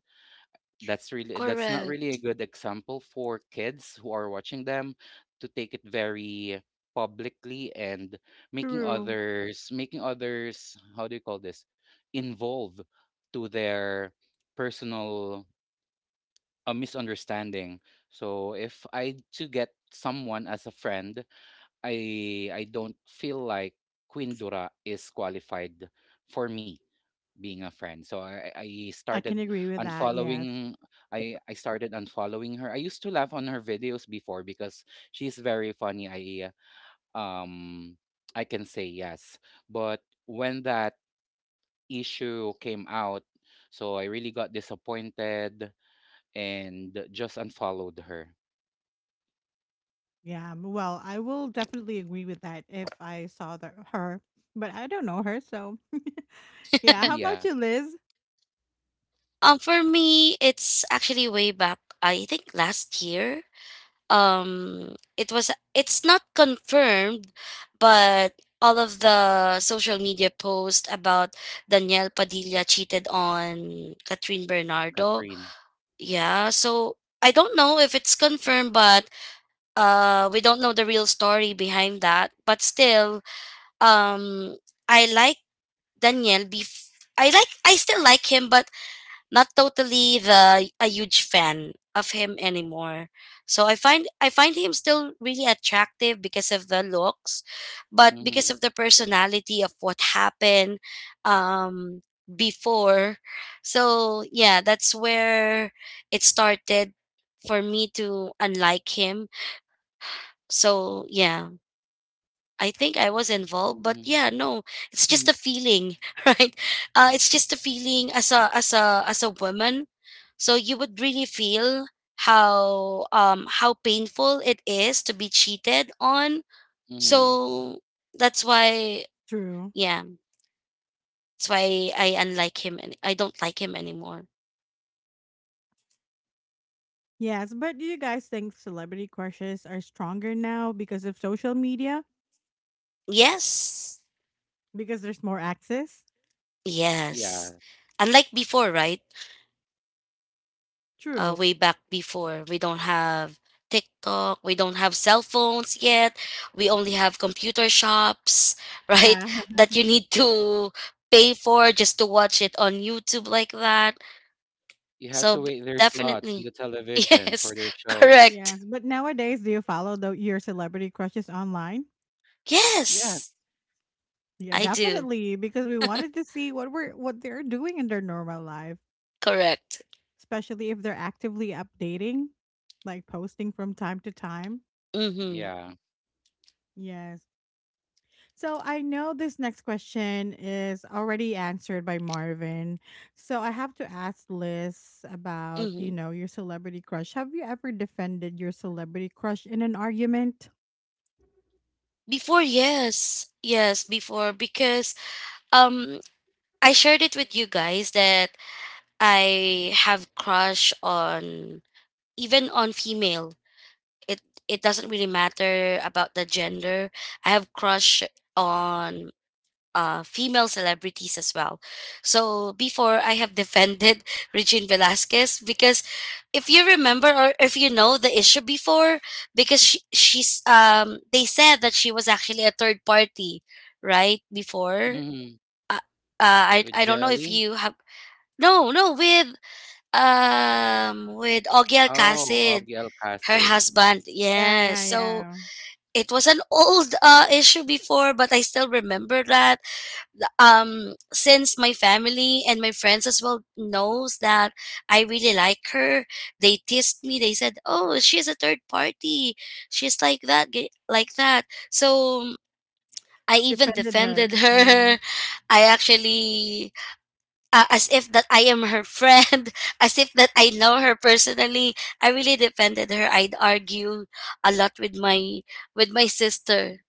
Speaker 3: That's really that's not really
Speaker 2: correct.
Speaker 3: a good example for kids who are watching them to take it very publicly and
Speaker 1: True.
Speaker 3: making others, how do you call this, involve to their personal a misunderstanding. So if I to get someone as a friend, I don't feel like Queen Dura is qualified for me being a friend. So I
Speaker 1: I can
Speaker 3: started
Speaker 1: agree with that. Yes.
Speaker 3: unfollowing. I started unfollowing her. I used to laugh on her videos before because she's very funny. Um I can say yes. But when that issue came out, so I really got disappointed and just unfollowed her.
Speaker 1: Yeah. Well, I will definitely agree with that if I saw the, her, but I don't know her, so (laughs)
Speaker 3: (laughs)
Speaker 1: Yeah, how
Speaker 2: (laughs)
Speaker 3: yeah,
Speaker 1: about you, Liz?
Speaker 2: For me, it's actually way back. I think last year. It was, it's not confirmed, but all of the social media posts about Danielle Padilla cheated on Catherine Bernardo.
Speaker 3: Catherine.
Speaker 2: Yeah. So I don't know if it's confirmed, but we don't know the real story behind that. But still, um, I like Daniel bef- I still like him, but not totally the, a huge fan of him anymore. So I find him still really attractive because of the looks, but because
Speaker 3: Mhm.
Speaker 2: of the personality of what happened before. So yeah, that's where it started for me to unlike him. So yeah. I think I was involved, but
Speaker 3: Mhm.
Speaker 2: yeah, no, it's just
Speaker 3: mhm.
Speaker 2: a feeling, (laughs) right? It's just a feeling as a as a as a woman. So you would really feel how, how painful it is to be cheated on.
Speaker 3: (laughs)
Speaker 2: So that's why,
Speaker 1: True.
Speaker 2: yeah, that's why I unlike him and I don't like him anymore.
Speaker 1: Yes, but do you guys think celebrity crushes are stronger now because of social media?
Speaker 2: Yes,
Speaker 1: Because there's more access?
Speaker 3: Yeah.
Speaker 2: yes, unlike before, right?
Speaker 1: True.
Speaker 2: Way back before. We don't have TikTok. We don't have cell phones yet. We only have computer shops, (laughs) right?
Speaker 1: Yeah. (laughs)
Speaker 2: That you need to pay for just to watch it on YouTube like that.
Speaker 3: You have
Speaker 2: So,
Speaker 3: to wait their slots in
Speaker 2: definitely.
Speaker 3: the
Speaker 2: (laughs)
Speaker 3: television
Speaker 2: Yes,
Speaker 3: for their shows.
Speaker 2: correct.
Speaker 1: Yes, but nowadays, do you follow the, your celebrity crushes online?
Speaker 3: Yeah.
Speaker 2: Yes,
Speaker 1: Yeah,
Speaker 2: I do.
Speaker 1: definitely, because we wanted to see what we're what they're doing in their normal life,
Speaker 2: Correct.
Speaker 1: especially if they're actively updating, like posting from time to time.
Speaker 2: Mm-hmm.
Speaker 3: Yeah.
Speaker 1: Yes. So I know this next question is already answered by Marvin. So I have to ask Liz about, you
Speaker 2: Mm-hmm.
Speaker 1: know, your celebrity crush. Have you ever defended your celebrity crush in an argument?
Speaker 2: Before, yes. Yes, before because um I shared it with you guys that I have crush on, even on female. it it doesn't really matter about the gender. I have crush on female celebrities as well. So before I have defended (laughs) Regine Velasquez because if you remember or if you know the issue before, because she's they said that she was actually a third party right before.
Speaker 3: Mm,
Speaker 2: uh, uh i
Speaker 3: with
Speaker 2: i don't know if
Speaker 3: jelly?
Speaker 2: you have. No, no, with with Ogiel
Speaker 3: Oh,
Speaker 2: Casid,
Speaker 3: Oggy
Speaker 2: her
Speaker 3: Alcacid.
Speaker 2: husband,
Speaker 1: Yeah,
Speaker 2: yes.
Speaker 1: yeah,
Speaker 2: So
Speaker 1: yeah.
Speaker 2: it was an old issue before, but I still remember that. The- since my family and my friends as well knows that I really like her, they teased me. They said, "Oh, she's a third party. She's like that, like that." So I
Speaker 1: You
Speaker 2: even
Speaker 1: defended her.
Speaker 2: defended
Speaker 1: Yeah.
Speaker 2: her. (laughs) I actually, as if that I am her friend, (laughs) as if that I know her personally. I really defended her. I'd argue a lot with my sister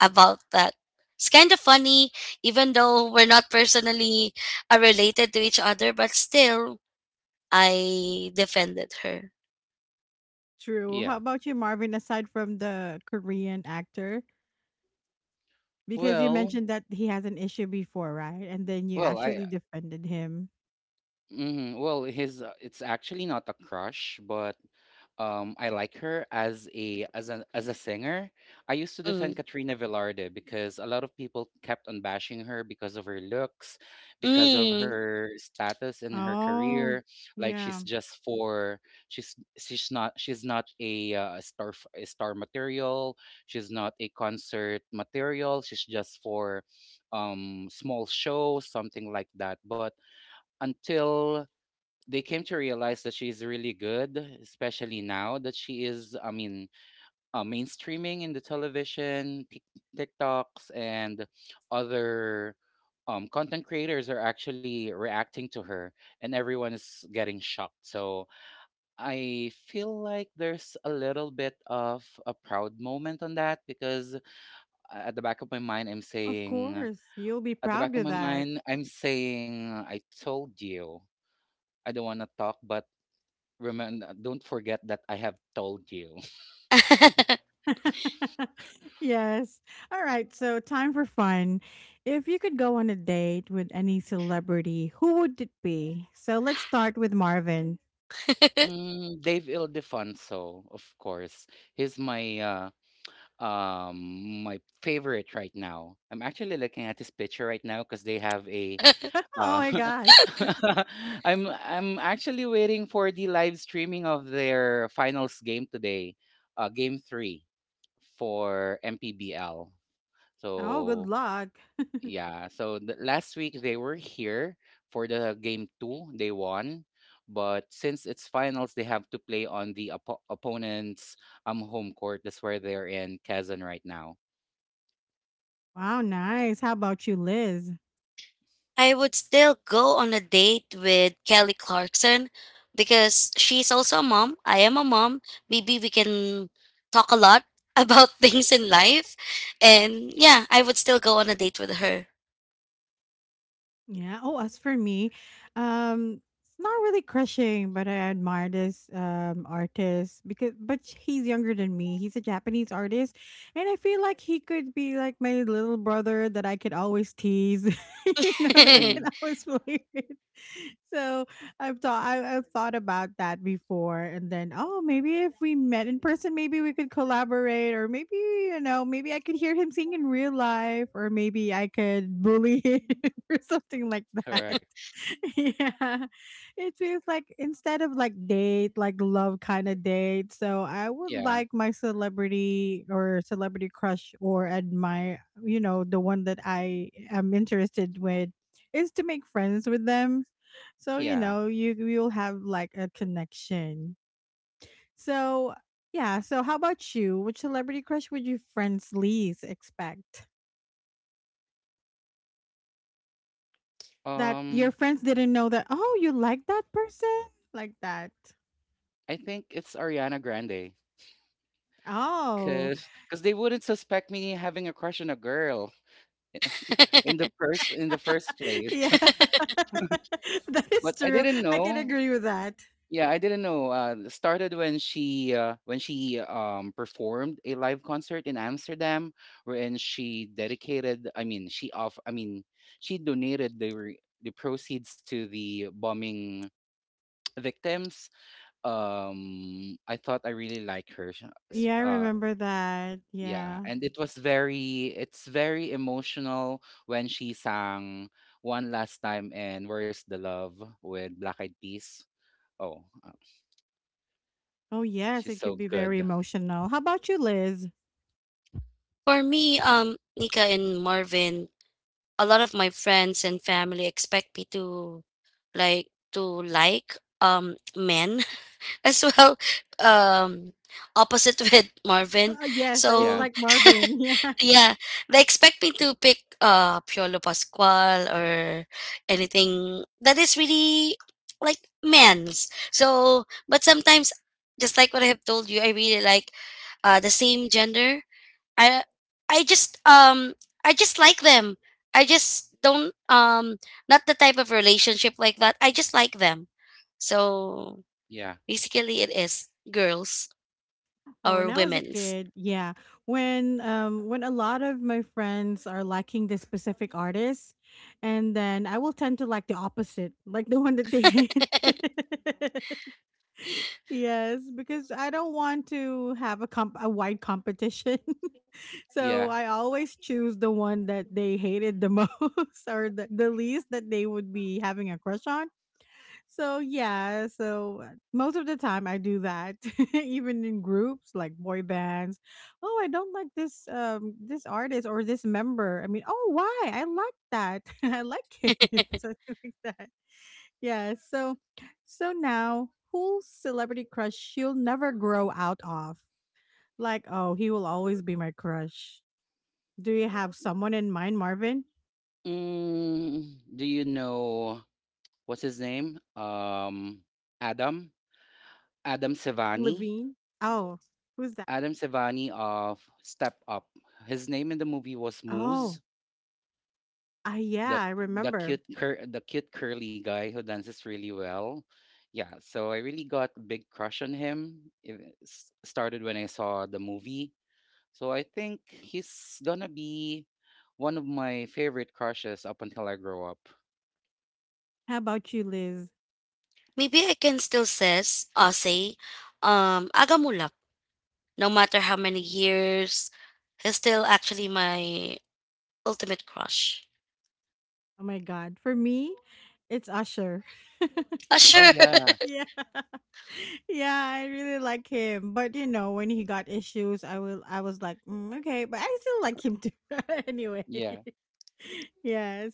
Speaker 2: about that. It's kind of funny, even though we're not personally related to each other, but still, I defended her.
Speaker 1: True. How
Speaker 3: Yeah.
Speaker 1: about you, Marvin, aside from the Korean actor? Because you
Speaker 3: Well,
Speaker 1: mentioned that he has an issue before, right? And then you
Speaker 3: well, I
Speaker 1: actually defended him.
Speaker 3: hmm Well, his it's actually not a crush, but I like her as a as a as a singer. I used to
Speaker 2: Mm.
Speaker 3: defend Katrina Velarde because a lot of people kept on bashing her because of her looks, because of
Speaker 2: Mm.
Speaker 3: her status in her
Speaker 1: Oh,
Speaker 3: career. Like she's
Speaker 1: yeah.
Speaker 3: just for she's not a a star material. She's not a concert material. She's just for small shows, something like that. But until they came to realize that she's really good, especially now that she is, I mean, mainstreaming in the television, TikToks, and other content creators are actually reacting to her, and everyone is getting shocked. So I feel like there's a little bit of a proud moment on that because at the back of my mind, I'm
Speaker 1: Of
Speaker 3: saying,
Speaker 1: course. You'll be
Speaker 3: at the
Speaker 1: proud
Speaker 3: back of
Speaker 1: of
Speaker 3: my
Speaker 1: that.
Speaker 3: mind, I'm saying, I told you. I don't want to talk, but remember, don't forget that I have told you.
Speaker 2: (laughs)
Speaker 3: (laughs)
Speaker 1: (laughs) Yes. All right. So, time for fun. If you could go on a date with any celebrity, who would it be? So, let's start with Marvin.
Speaker 3: Mm, Dave Ildefonso, of course. He's my my favorite right now. I'm actually looking at his picture right now because they have a
Speaker 1: (laughs) Oh
Speaker 3: Ah.
Speaker 1: my gosh.
Speaker 3: (laughs) I'm actually waiting for the live streaming of their finals game today, game three for MPBL.
Speaker 1: Oh, good
Speaker 3: So
Speaker 1: luck.
Speaker 3: yeah, so the, last week they were here for the game two, they won, but since it's finals, they have to play on the opponent's home court. That's where they're in Kazan right now.
Speaker 1: Wow, nice. How about you, Liz?
Speaker 2: I would still go on a date with Kelly Clarkson because she's also a mom. I am a mom. Maybe we can talk a lot (laughs) about things in life. And yeah, I would still go on a date with her.
Speaker 1: Yeah. Oh, as for me, um, it's not really crushing, but I admire this artist because, but he's younger than me. He's a Japanese artist, and I feel like he could be like my little brother that I could always tease, (laughs) you know, that I can
Speaker 3: Mhm,
Speaker 2: (laughs)
Speaker 1: always (laughs) play with. So I've thought about that before, and then oh, maybe if we met in person, maybe we could collaborate, or maybe you know, maybe I could hear him sing in real life, or maybe I could bully (laughs) him. (laughs) Or something like that.
Speaker 3: correct.
Speaker 1: (laughs) Yeah. It feels like instead of like date, like love kind of date. So I would
Speaker 3: Yeah,
Speaker 1: like my celebrity or celebrity crush or admire, you know, the one that I am interested with is to make friends with them. So, you
Speaker 3: yeah.
Speaker 1: know, you'll have like a connection. So, yeah, so how about you? Which celebrity crush would you friends least expect? That your
Speaker 3: Um,
Speaker 1: friends didn't know that, oh, you like that person like that.
Speaker 3: I think it's Ariana Grande.
Speaker 1: Oh,
Speaker 3: Cause they wouldn't suspect me having a crush on a girl (laughs) in the first
Speaker 1: (laughs)
Speaker 3: place.
Speaker 1: yeah,
Speaker 3: (laughs)
Speaker 1: (laughs) that
Speaker 3: But
Speaker 1: is
Speaker 3: I
Speaker 1: true.
Speaker 3: didn't
Speaker 1: I can
Speaker 3: know
Speaker 1: agree with that.
Speaker 3: yeah, I didn't know, it started when she, performed a live concert in Amsterdam wherein she dedicated I mean, she off I mean, she donated the proceeds to the bombing (tsk) victims. I thought I really like her. Sh s
Speaker 1: Yeah, I remember that.
Speaker 3: Yeah,
Speaker 1: Yeah,
Speaker 3: and it was very it's very emotional when she sang One Last Time and Where's the Love with Black Eyed Peas. Oh, uh,
Speaker 1: oh yes,
Speaker 3: she's
Speaker 1: it could
Speaker 3: so
Speaker 1: be very
Speaker 3: good.
Speaker 1: emotional. How about you, Liz?
Speaker 2: For me, Nika and Marvin, a lot of my friends and family expect me to like men (laughs) as well. Um Opposite (laughs) with Marvin.
Speaker 1: Yes, it's
Speaker 3: Yeah,
Speaker 2: So
Speaker 1: like Marvin. (laughs) Yeah.
Speaker 2: yeah, they expect me to pick Piolo Pascual or anything that is really like men's. So, but sometimes, just like what I have told you, I really like the same gender. I I just um I just like them. I just don't, not the type of relationship like that. I just like them. So
Speaker 3: yeah,
Speaker 2: basically, it is girls
Speaker 1: Oh, when
Speaker 2: or
Speaker 1: I was a
Speaker 2: women's.
Speaker 1: kid, yeah, when a lot of my friends are liking this specific artist, and then I will tend to like the opposite, like the one that they hate. (laughs) Yes, because I don't want to have a comp a wide competition. (laughs) So
Speaker 3: yeah.
Speaker 1: I always choose the one that they hated the most, (laughs) or the least that they would be having a crush on. So yeah, so most of the time I do that (laughs) even in groups like boy bands. Oh, I don't like this this artist or this member. I mean, oh, why? I like that. (laughs) I like him. (laughs) Something like that. Yeah, so so now who's celebrity crush you'll never grow out of? Like, oh, he will always be my crush. Do you have someone in mind, Marvin?
Speaker 3: Mm, do you know what's his name? Adam? Adam Sevani?
Speaker 1: Levine? Oh, who's that?
Speaker 3: Adam Sevani of Step Up. His name in the movie was Moose.
Speaker 1: Oh, ah, yeah,
Speaker 3: the
Speaker 1: I remember.
Speaker 3: the cute curly guy who dances really well. Yeah, so I really got a big crush on him. Started when I saw the movie. So I think he's gonna be one of my favorite crushes up until I grow up.
Speaker 1: How about you, Liz?
Speaker 2: Maybe I can still say, Agamulak, no matter how many years, he's still actually my ultimate crush.
Speaker 1: Oh my god. For me, it's Usher. (laughs)
Speaker 2: Ah,
Speaker 3: Oh
Speaker 2: sure. (laughs)
Speaker 3: yeah,
Speaker 1: Yeah. (laughs) Yeah, I really like him. But you know, when he got issues, I will I was like, mm, okay, but I still like him too (laughs) anyway.
Speaker 3: yeah.
Speaker 1: (laughs) Yes.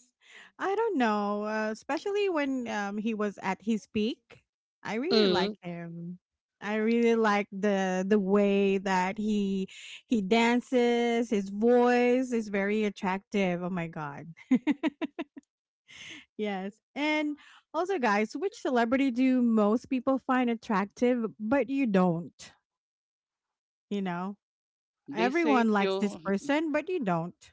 Speaker 1: I don't know, especially when he was at his peak. I really like
Speaker 2: Mm,
Speaker 1: him. I really like the way that he dances, his voice is very attractive. Oh my god. Yes. And also, guys, which celebrity do most people find attractive, but you don't? You know,
Speaker 3: They say
Speaker 1: everyone likes this
Speaker 3: Pio
Speaker 1: person, but you don't.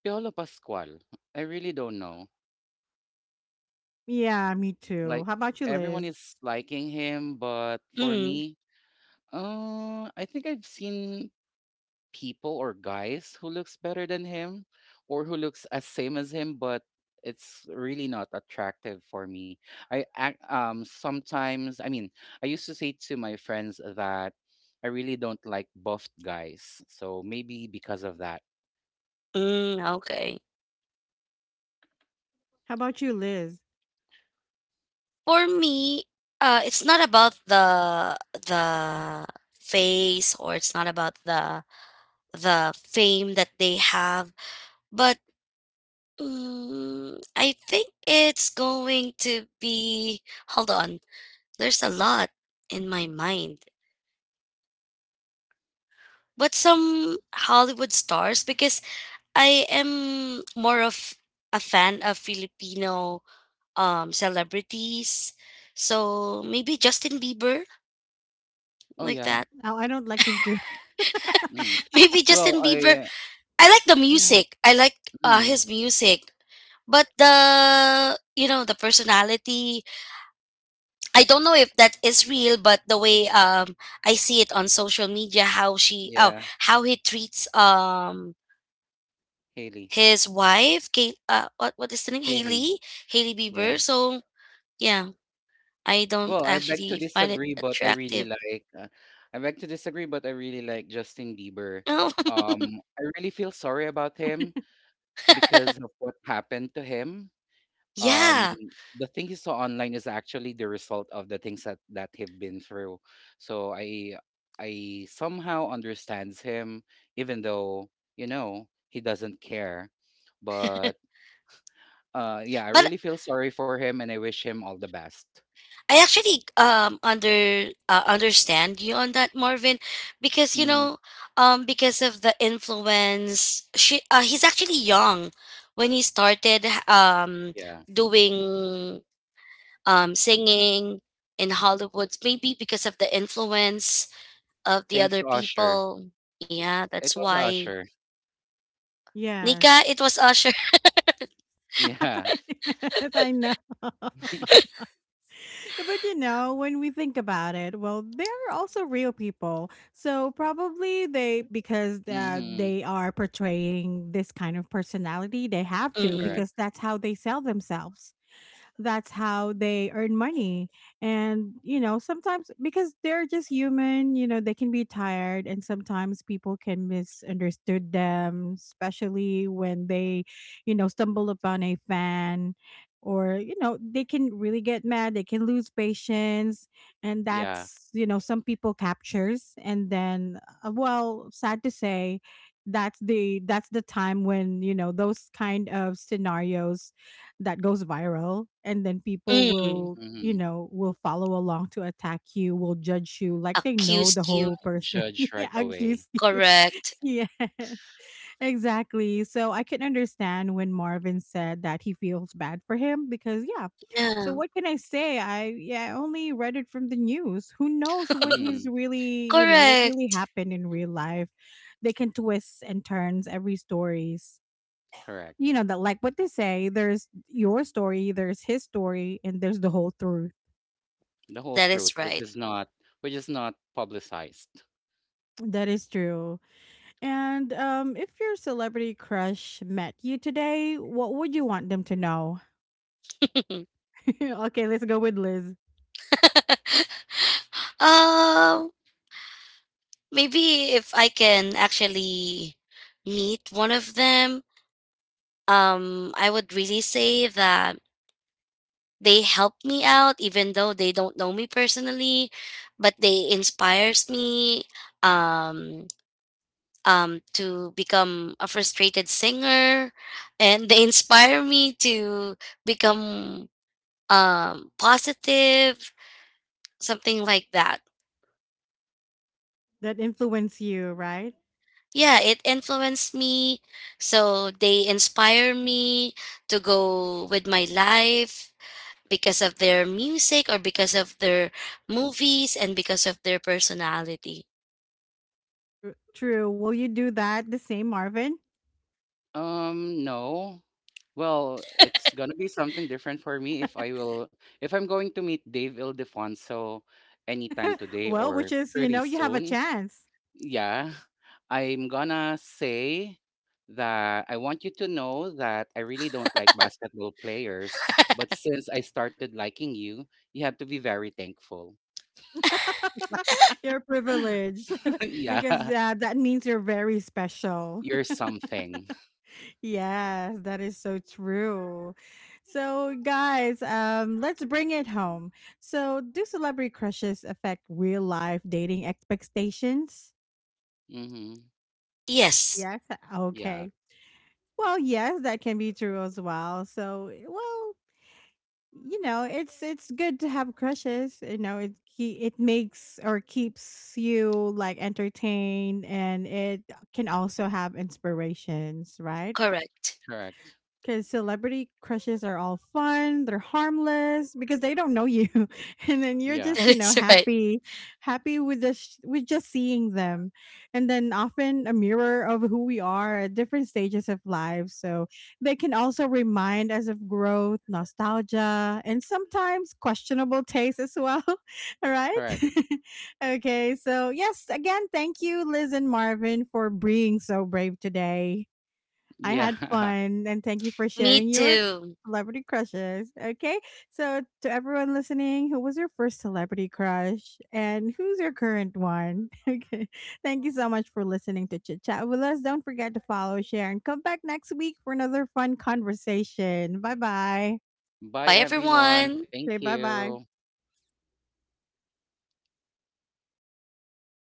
Speaker 3: Piolo Pascual. I really don't know.
Speaker 1: Yeah, me
Speaker 3: Like
Speaker 1: too. How about you,
Speaker 3: everyone
Speaker 1: Liz?
Speaker 3: is liking him, but for
Speaker 2: mm,
Speaker 3: me, I think I've seen people or guys who looks better than him or who looks as same as him, but it's really not attractive for me. I ac- sometimes I mean I used to say to my friends that I really don't like buffed guys, so maybe because of that.
Speaker 2: mm, okay.
Speaker 1: How about you, Liz?
Speaker 2: For me, it's not about the face or it's not about the fame that they have, but mm, I think it's going to be. Hold on, there's a lot in my mind. But some Hollywood stars, because I am more of a fan of Filipino celebrities. So maybe Justin Bieber,
Speaker 3: Oh
Speaker 2: like
Speaker 3: yeah.
Speaker 2: that.
Speaker 1: Oh, I don't like him too. (laughs)
Speaker 3: Mm.
Speaker 2: (laughs) Maybe
Speaker 3: well
Speaker 2: Justin Bieber.
Speaker 3: I
Speaker 2: I like the
Speaker 1: Yeah.
Speaker 2: music. I like
Speaker 3: Mm,
Speaker 2: his music. But the, you know, the personality, I don't know if that is real, but the way I see it on social media, how she oh
Speaker 3: yeah.
Speaker 2: how he treats
Speaker 3: haley
Speaker 2: his wife, Kate, what is the name?
Speaker 3: Haley.
Speaker 2: Haley, Haley
Speaker 3: Yeah.
Speaker 2: Bieber. So yeah, I don't
Speaker 3: Well, I beg to
Speaker 2: actually find it
Speaker 3: disagree, but I really
Speaker 2: attractive.
Speaker 3: like I beg to disagree, but I really like Justin Bieber.
Speaker 2: No,
Speaker 3: I really feel sorry about him because of what happened to him.
Speaker 2: (laughs)
Speaker 3: Um,
Speaker 2: yeah,
Speaker 3: the thing he saw online is actually the result of the things that he've been through. So I somehow understands him, even though, you know, he doesn't care. But yeah, I
Speaker 2: but
Speaker 3: really feel sorry for him and I wish him all the best.
Speaker 2: I actually understand you on that, Marvin, because you
Speaker 3: Hmm
Speaker 2: know because of the influence. She He's actually young when he started
Speaker 3: Yeah.
Speaker 2: doing singing in Hollywood, maybe because of the influence of the
Speaker 3: Thanks
Speaker 2: other
Speaker 3: to Usher.
Speaker 2: people. Yeah,
Speaker 3: It
Speaker 2: that's
Speaker 3: was
Speaker 2: why,
Speaker 3: Usher.
Speaker 2: Nika,
Speaker 1: Yes.
Speaker 2: it was Usher.
Speaker 3: Yeah.
Speaker 1: (laughs) Yes, I know.
Speaker 3: (laughs)
Speaker 1: But you know, when we think about it, well, they're also real people. So probably they, because
Speaker 3: mhm.
Speaker 1: they are portraying this kind of personality, they have
Speaker 2: (laughs)
Speaker 1: to
Speaker 3: Correct.
Speaker 2: Mm-mm.
Speaker 1: because that's how they sell themselves, that's how they earn money. And, you know, sometimes because they're just human, you know, they can be tired and sometimes people can misunderstood them, especially when they, you know, stumble upon a fan or, you know, they can really get mad, they can lose patience. And
Speaker 3: Yeah.
Speaker 1: that's, you know, some people captures. And then, well, sad to say, that's the time when you know those kind of scenarios that goes viral, and then people
Speaker 2: Mm.
Speaker 1: will, you
Speaker 3: Mhm.
Speaker 1: know, will follow along to attack you, will judge you like they know the
Speaker 2: Accused you.
Speaker 1: whole person.
Speaker 3: Judge
Speaker 1: (laughs) Yeah,
Speaker 3: right away.
Speaker 1: accuse you. (laughs)
Speaker 2: Correct.
Speaker 1: Yes, exactly. So I can understand when Marvin said that he feels bad for him because yeah. So
Speaker 2: Yeah.
Speaker 1: what can I say, I only read it from the news. Who knows what he's
Speaker 3: Mm.
Speaker 1: really, you know, what really
Speaker 2: Correct.
Speaker 1: happened in real life. They can twist and turns every story, you
Speaker 3: Correct.
Speaker 1: know, that like what they say, there's your story, there's his story, and there's the whole truth.
Speaker 3: The whole
Speaker 2: That
Speaker 3: truth,
Speaker 2: is
Speaker 3: which
Speaker 2: right.
Speaker 3: is not publicized.
Speaker 1: That is true. And if your celebrity crush met you today, what would you want them to know?
Speaker 2: (laughs)
Speaker 1: (laughs) Okay, let's go with Liz.
Speaker 2: um, Maybe if I can actually meet one of them, I would really say that they helped me out, even though they don't know me personally, but they inspires me. Um, to become a frustrated singer, and they (laughs) inspire me to become positive, something like that.
Speaker 1: That influenced you, right?
Speaker 2: Yeah, it influenced me. So they inspire me to go with my life because of their music or because of their movies and because of their personality.
Speaker 1: True. Will you do that the same, Marvin?
Speaker 3: No. Well, it's gonna be something different for me if I'm going to meet Dave Ildefonso anytime today
Speaker 1: Well,
Speaker 3: or
Speaker 1: which is, you
Speaker 3: pretty
Speaker 1: know, you have a
Speaker 3: soon.
Speaker 1: chance.
Speaker 3: Yeah, I'm gonna say that I want you to know that I really don't like basketball players, but since I started liking you, you have to be very thankful.
Speaker 1: (laughs) You're
Speaker 3: (laughs)
Speaker 1: privileged. (laughs) Because
Speaker 3: yeah,
Speaker 1: that means you're very special.
Speaker 3: you're
Speaker 1: (laughs)
Speaker 3: something.
Speaker 1: Yes, that is so true. So, guys, let's bring it home. So, do celebrity crushes affect real life dating expectations?
Speaker 3: Mm-hmm.
Speaker 2: Yes,
Speaker 1: Yes.
Speaker 3: Yeah,
Speaker 1: Okay. Well, yes, that can be true as well. So, eh, well, you know, it's good to have crushes. You know, it makes or keeps you like entertained, and it can also have inspirations, right?
Speaker 2: correct. (laughs)
Speaker 3: correct.
Speaker 1: Because celebrity crushes are all fun, they're harmless because they don't know you, (laughs) and then you're
Speaker 3: Yeah,
Speaker 1: just, you
Speaker 2: That
Speaker 1: know,
Speaker 2: is right.
Speaker 1: happy, happy with the with just seeing them, and then often a mirror of who we are at different stages of life. So they can also remind us of growth, nostalgia, and sometimes questionable taste as well. (laughs) All right.
Speaker 3: correct.
Speaker 1: (laughs) Okay. So yes, again, thank you, Liz and Marvin, for being so brave today. I
Speaker 3: Yeah.
Speaker 1: had
Speaker 3: (laughs)
Speaker 1: fun and thank you for
Speaker 2: Me
Speaker 1: sharing your
Speaker 2: too.
Speaker 1: celebrity crushes. Okay. So, to everyone listening, who was your first celebrity crush and who's your current one? (laughs) Okay. Thank you so much for listening to Chit Chat with us. Don't forget to follow, share, and come back next week for another fun conversation. Bye bye.
Speaker 3: Bye,
Speaker 2: Bye,
Speaker 3: everyone.
Speaker 2: everyone.
Speaker 3: Thank
Speaker 1: Say bye
Speaker 3: you.
Speaker 1: bye.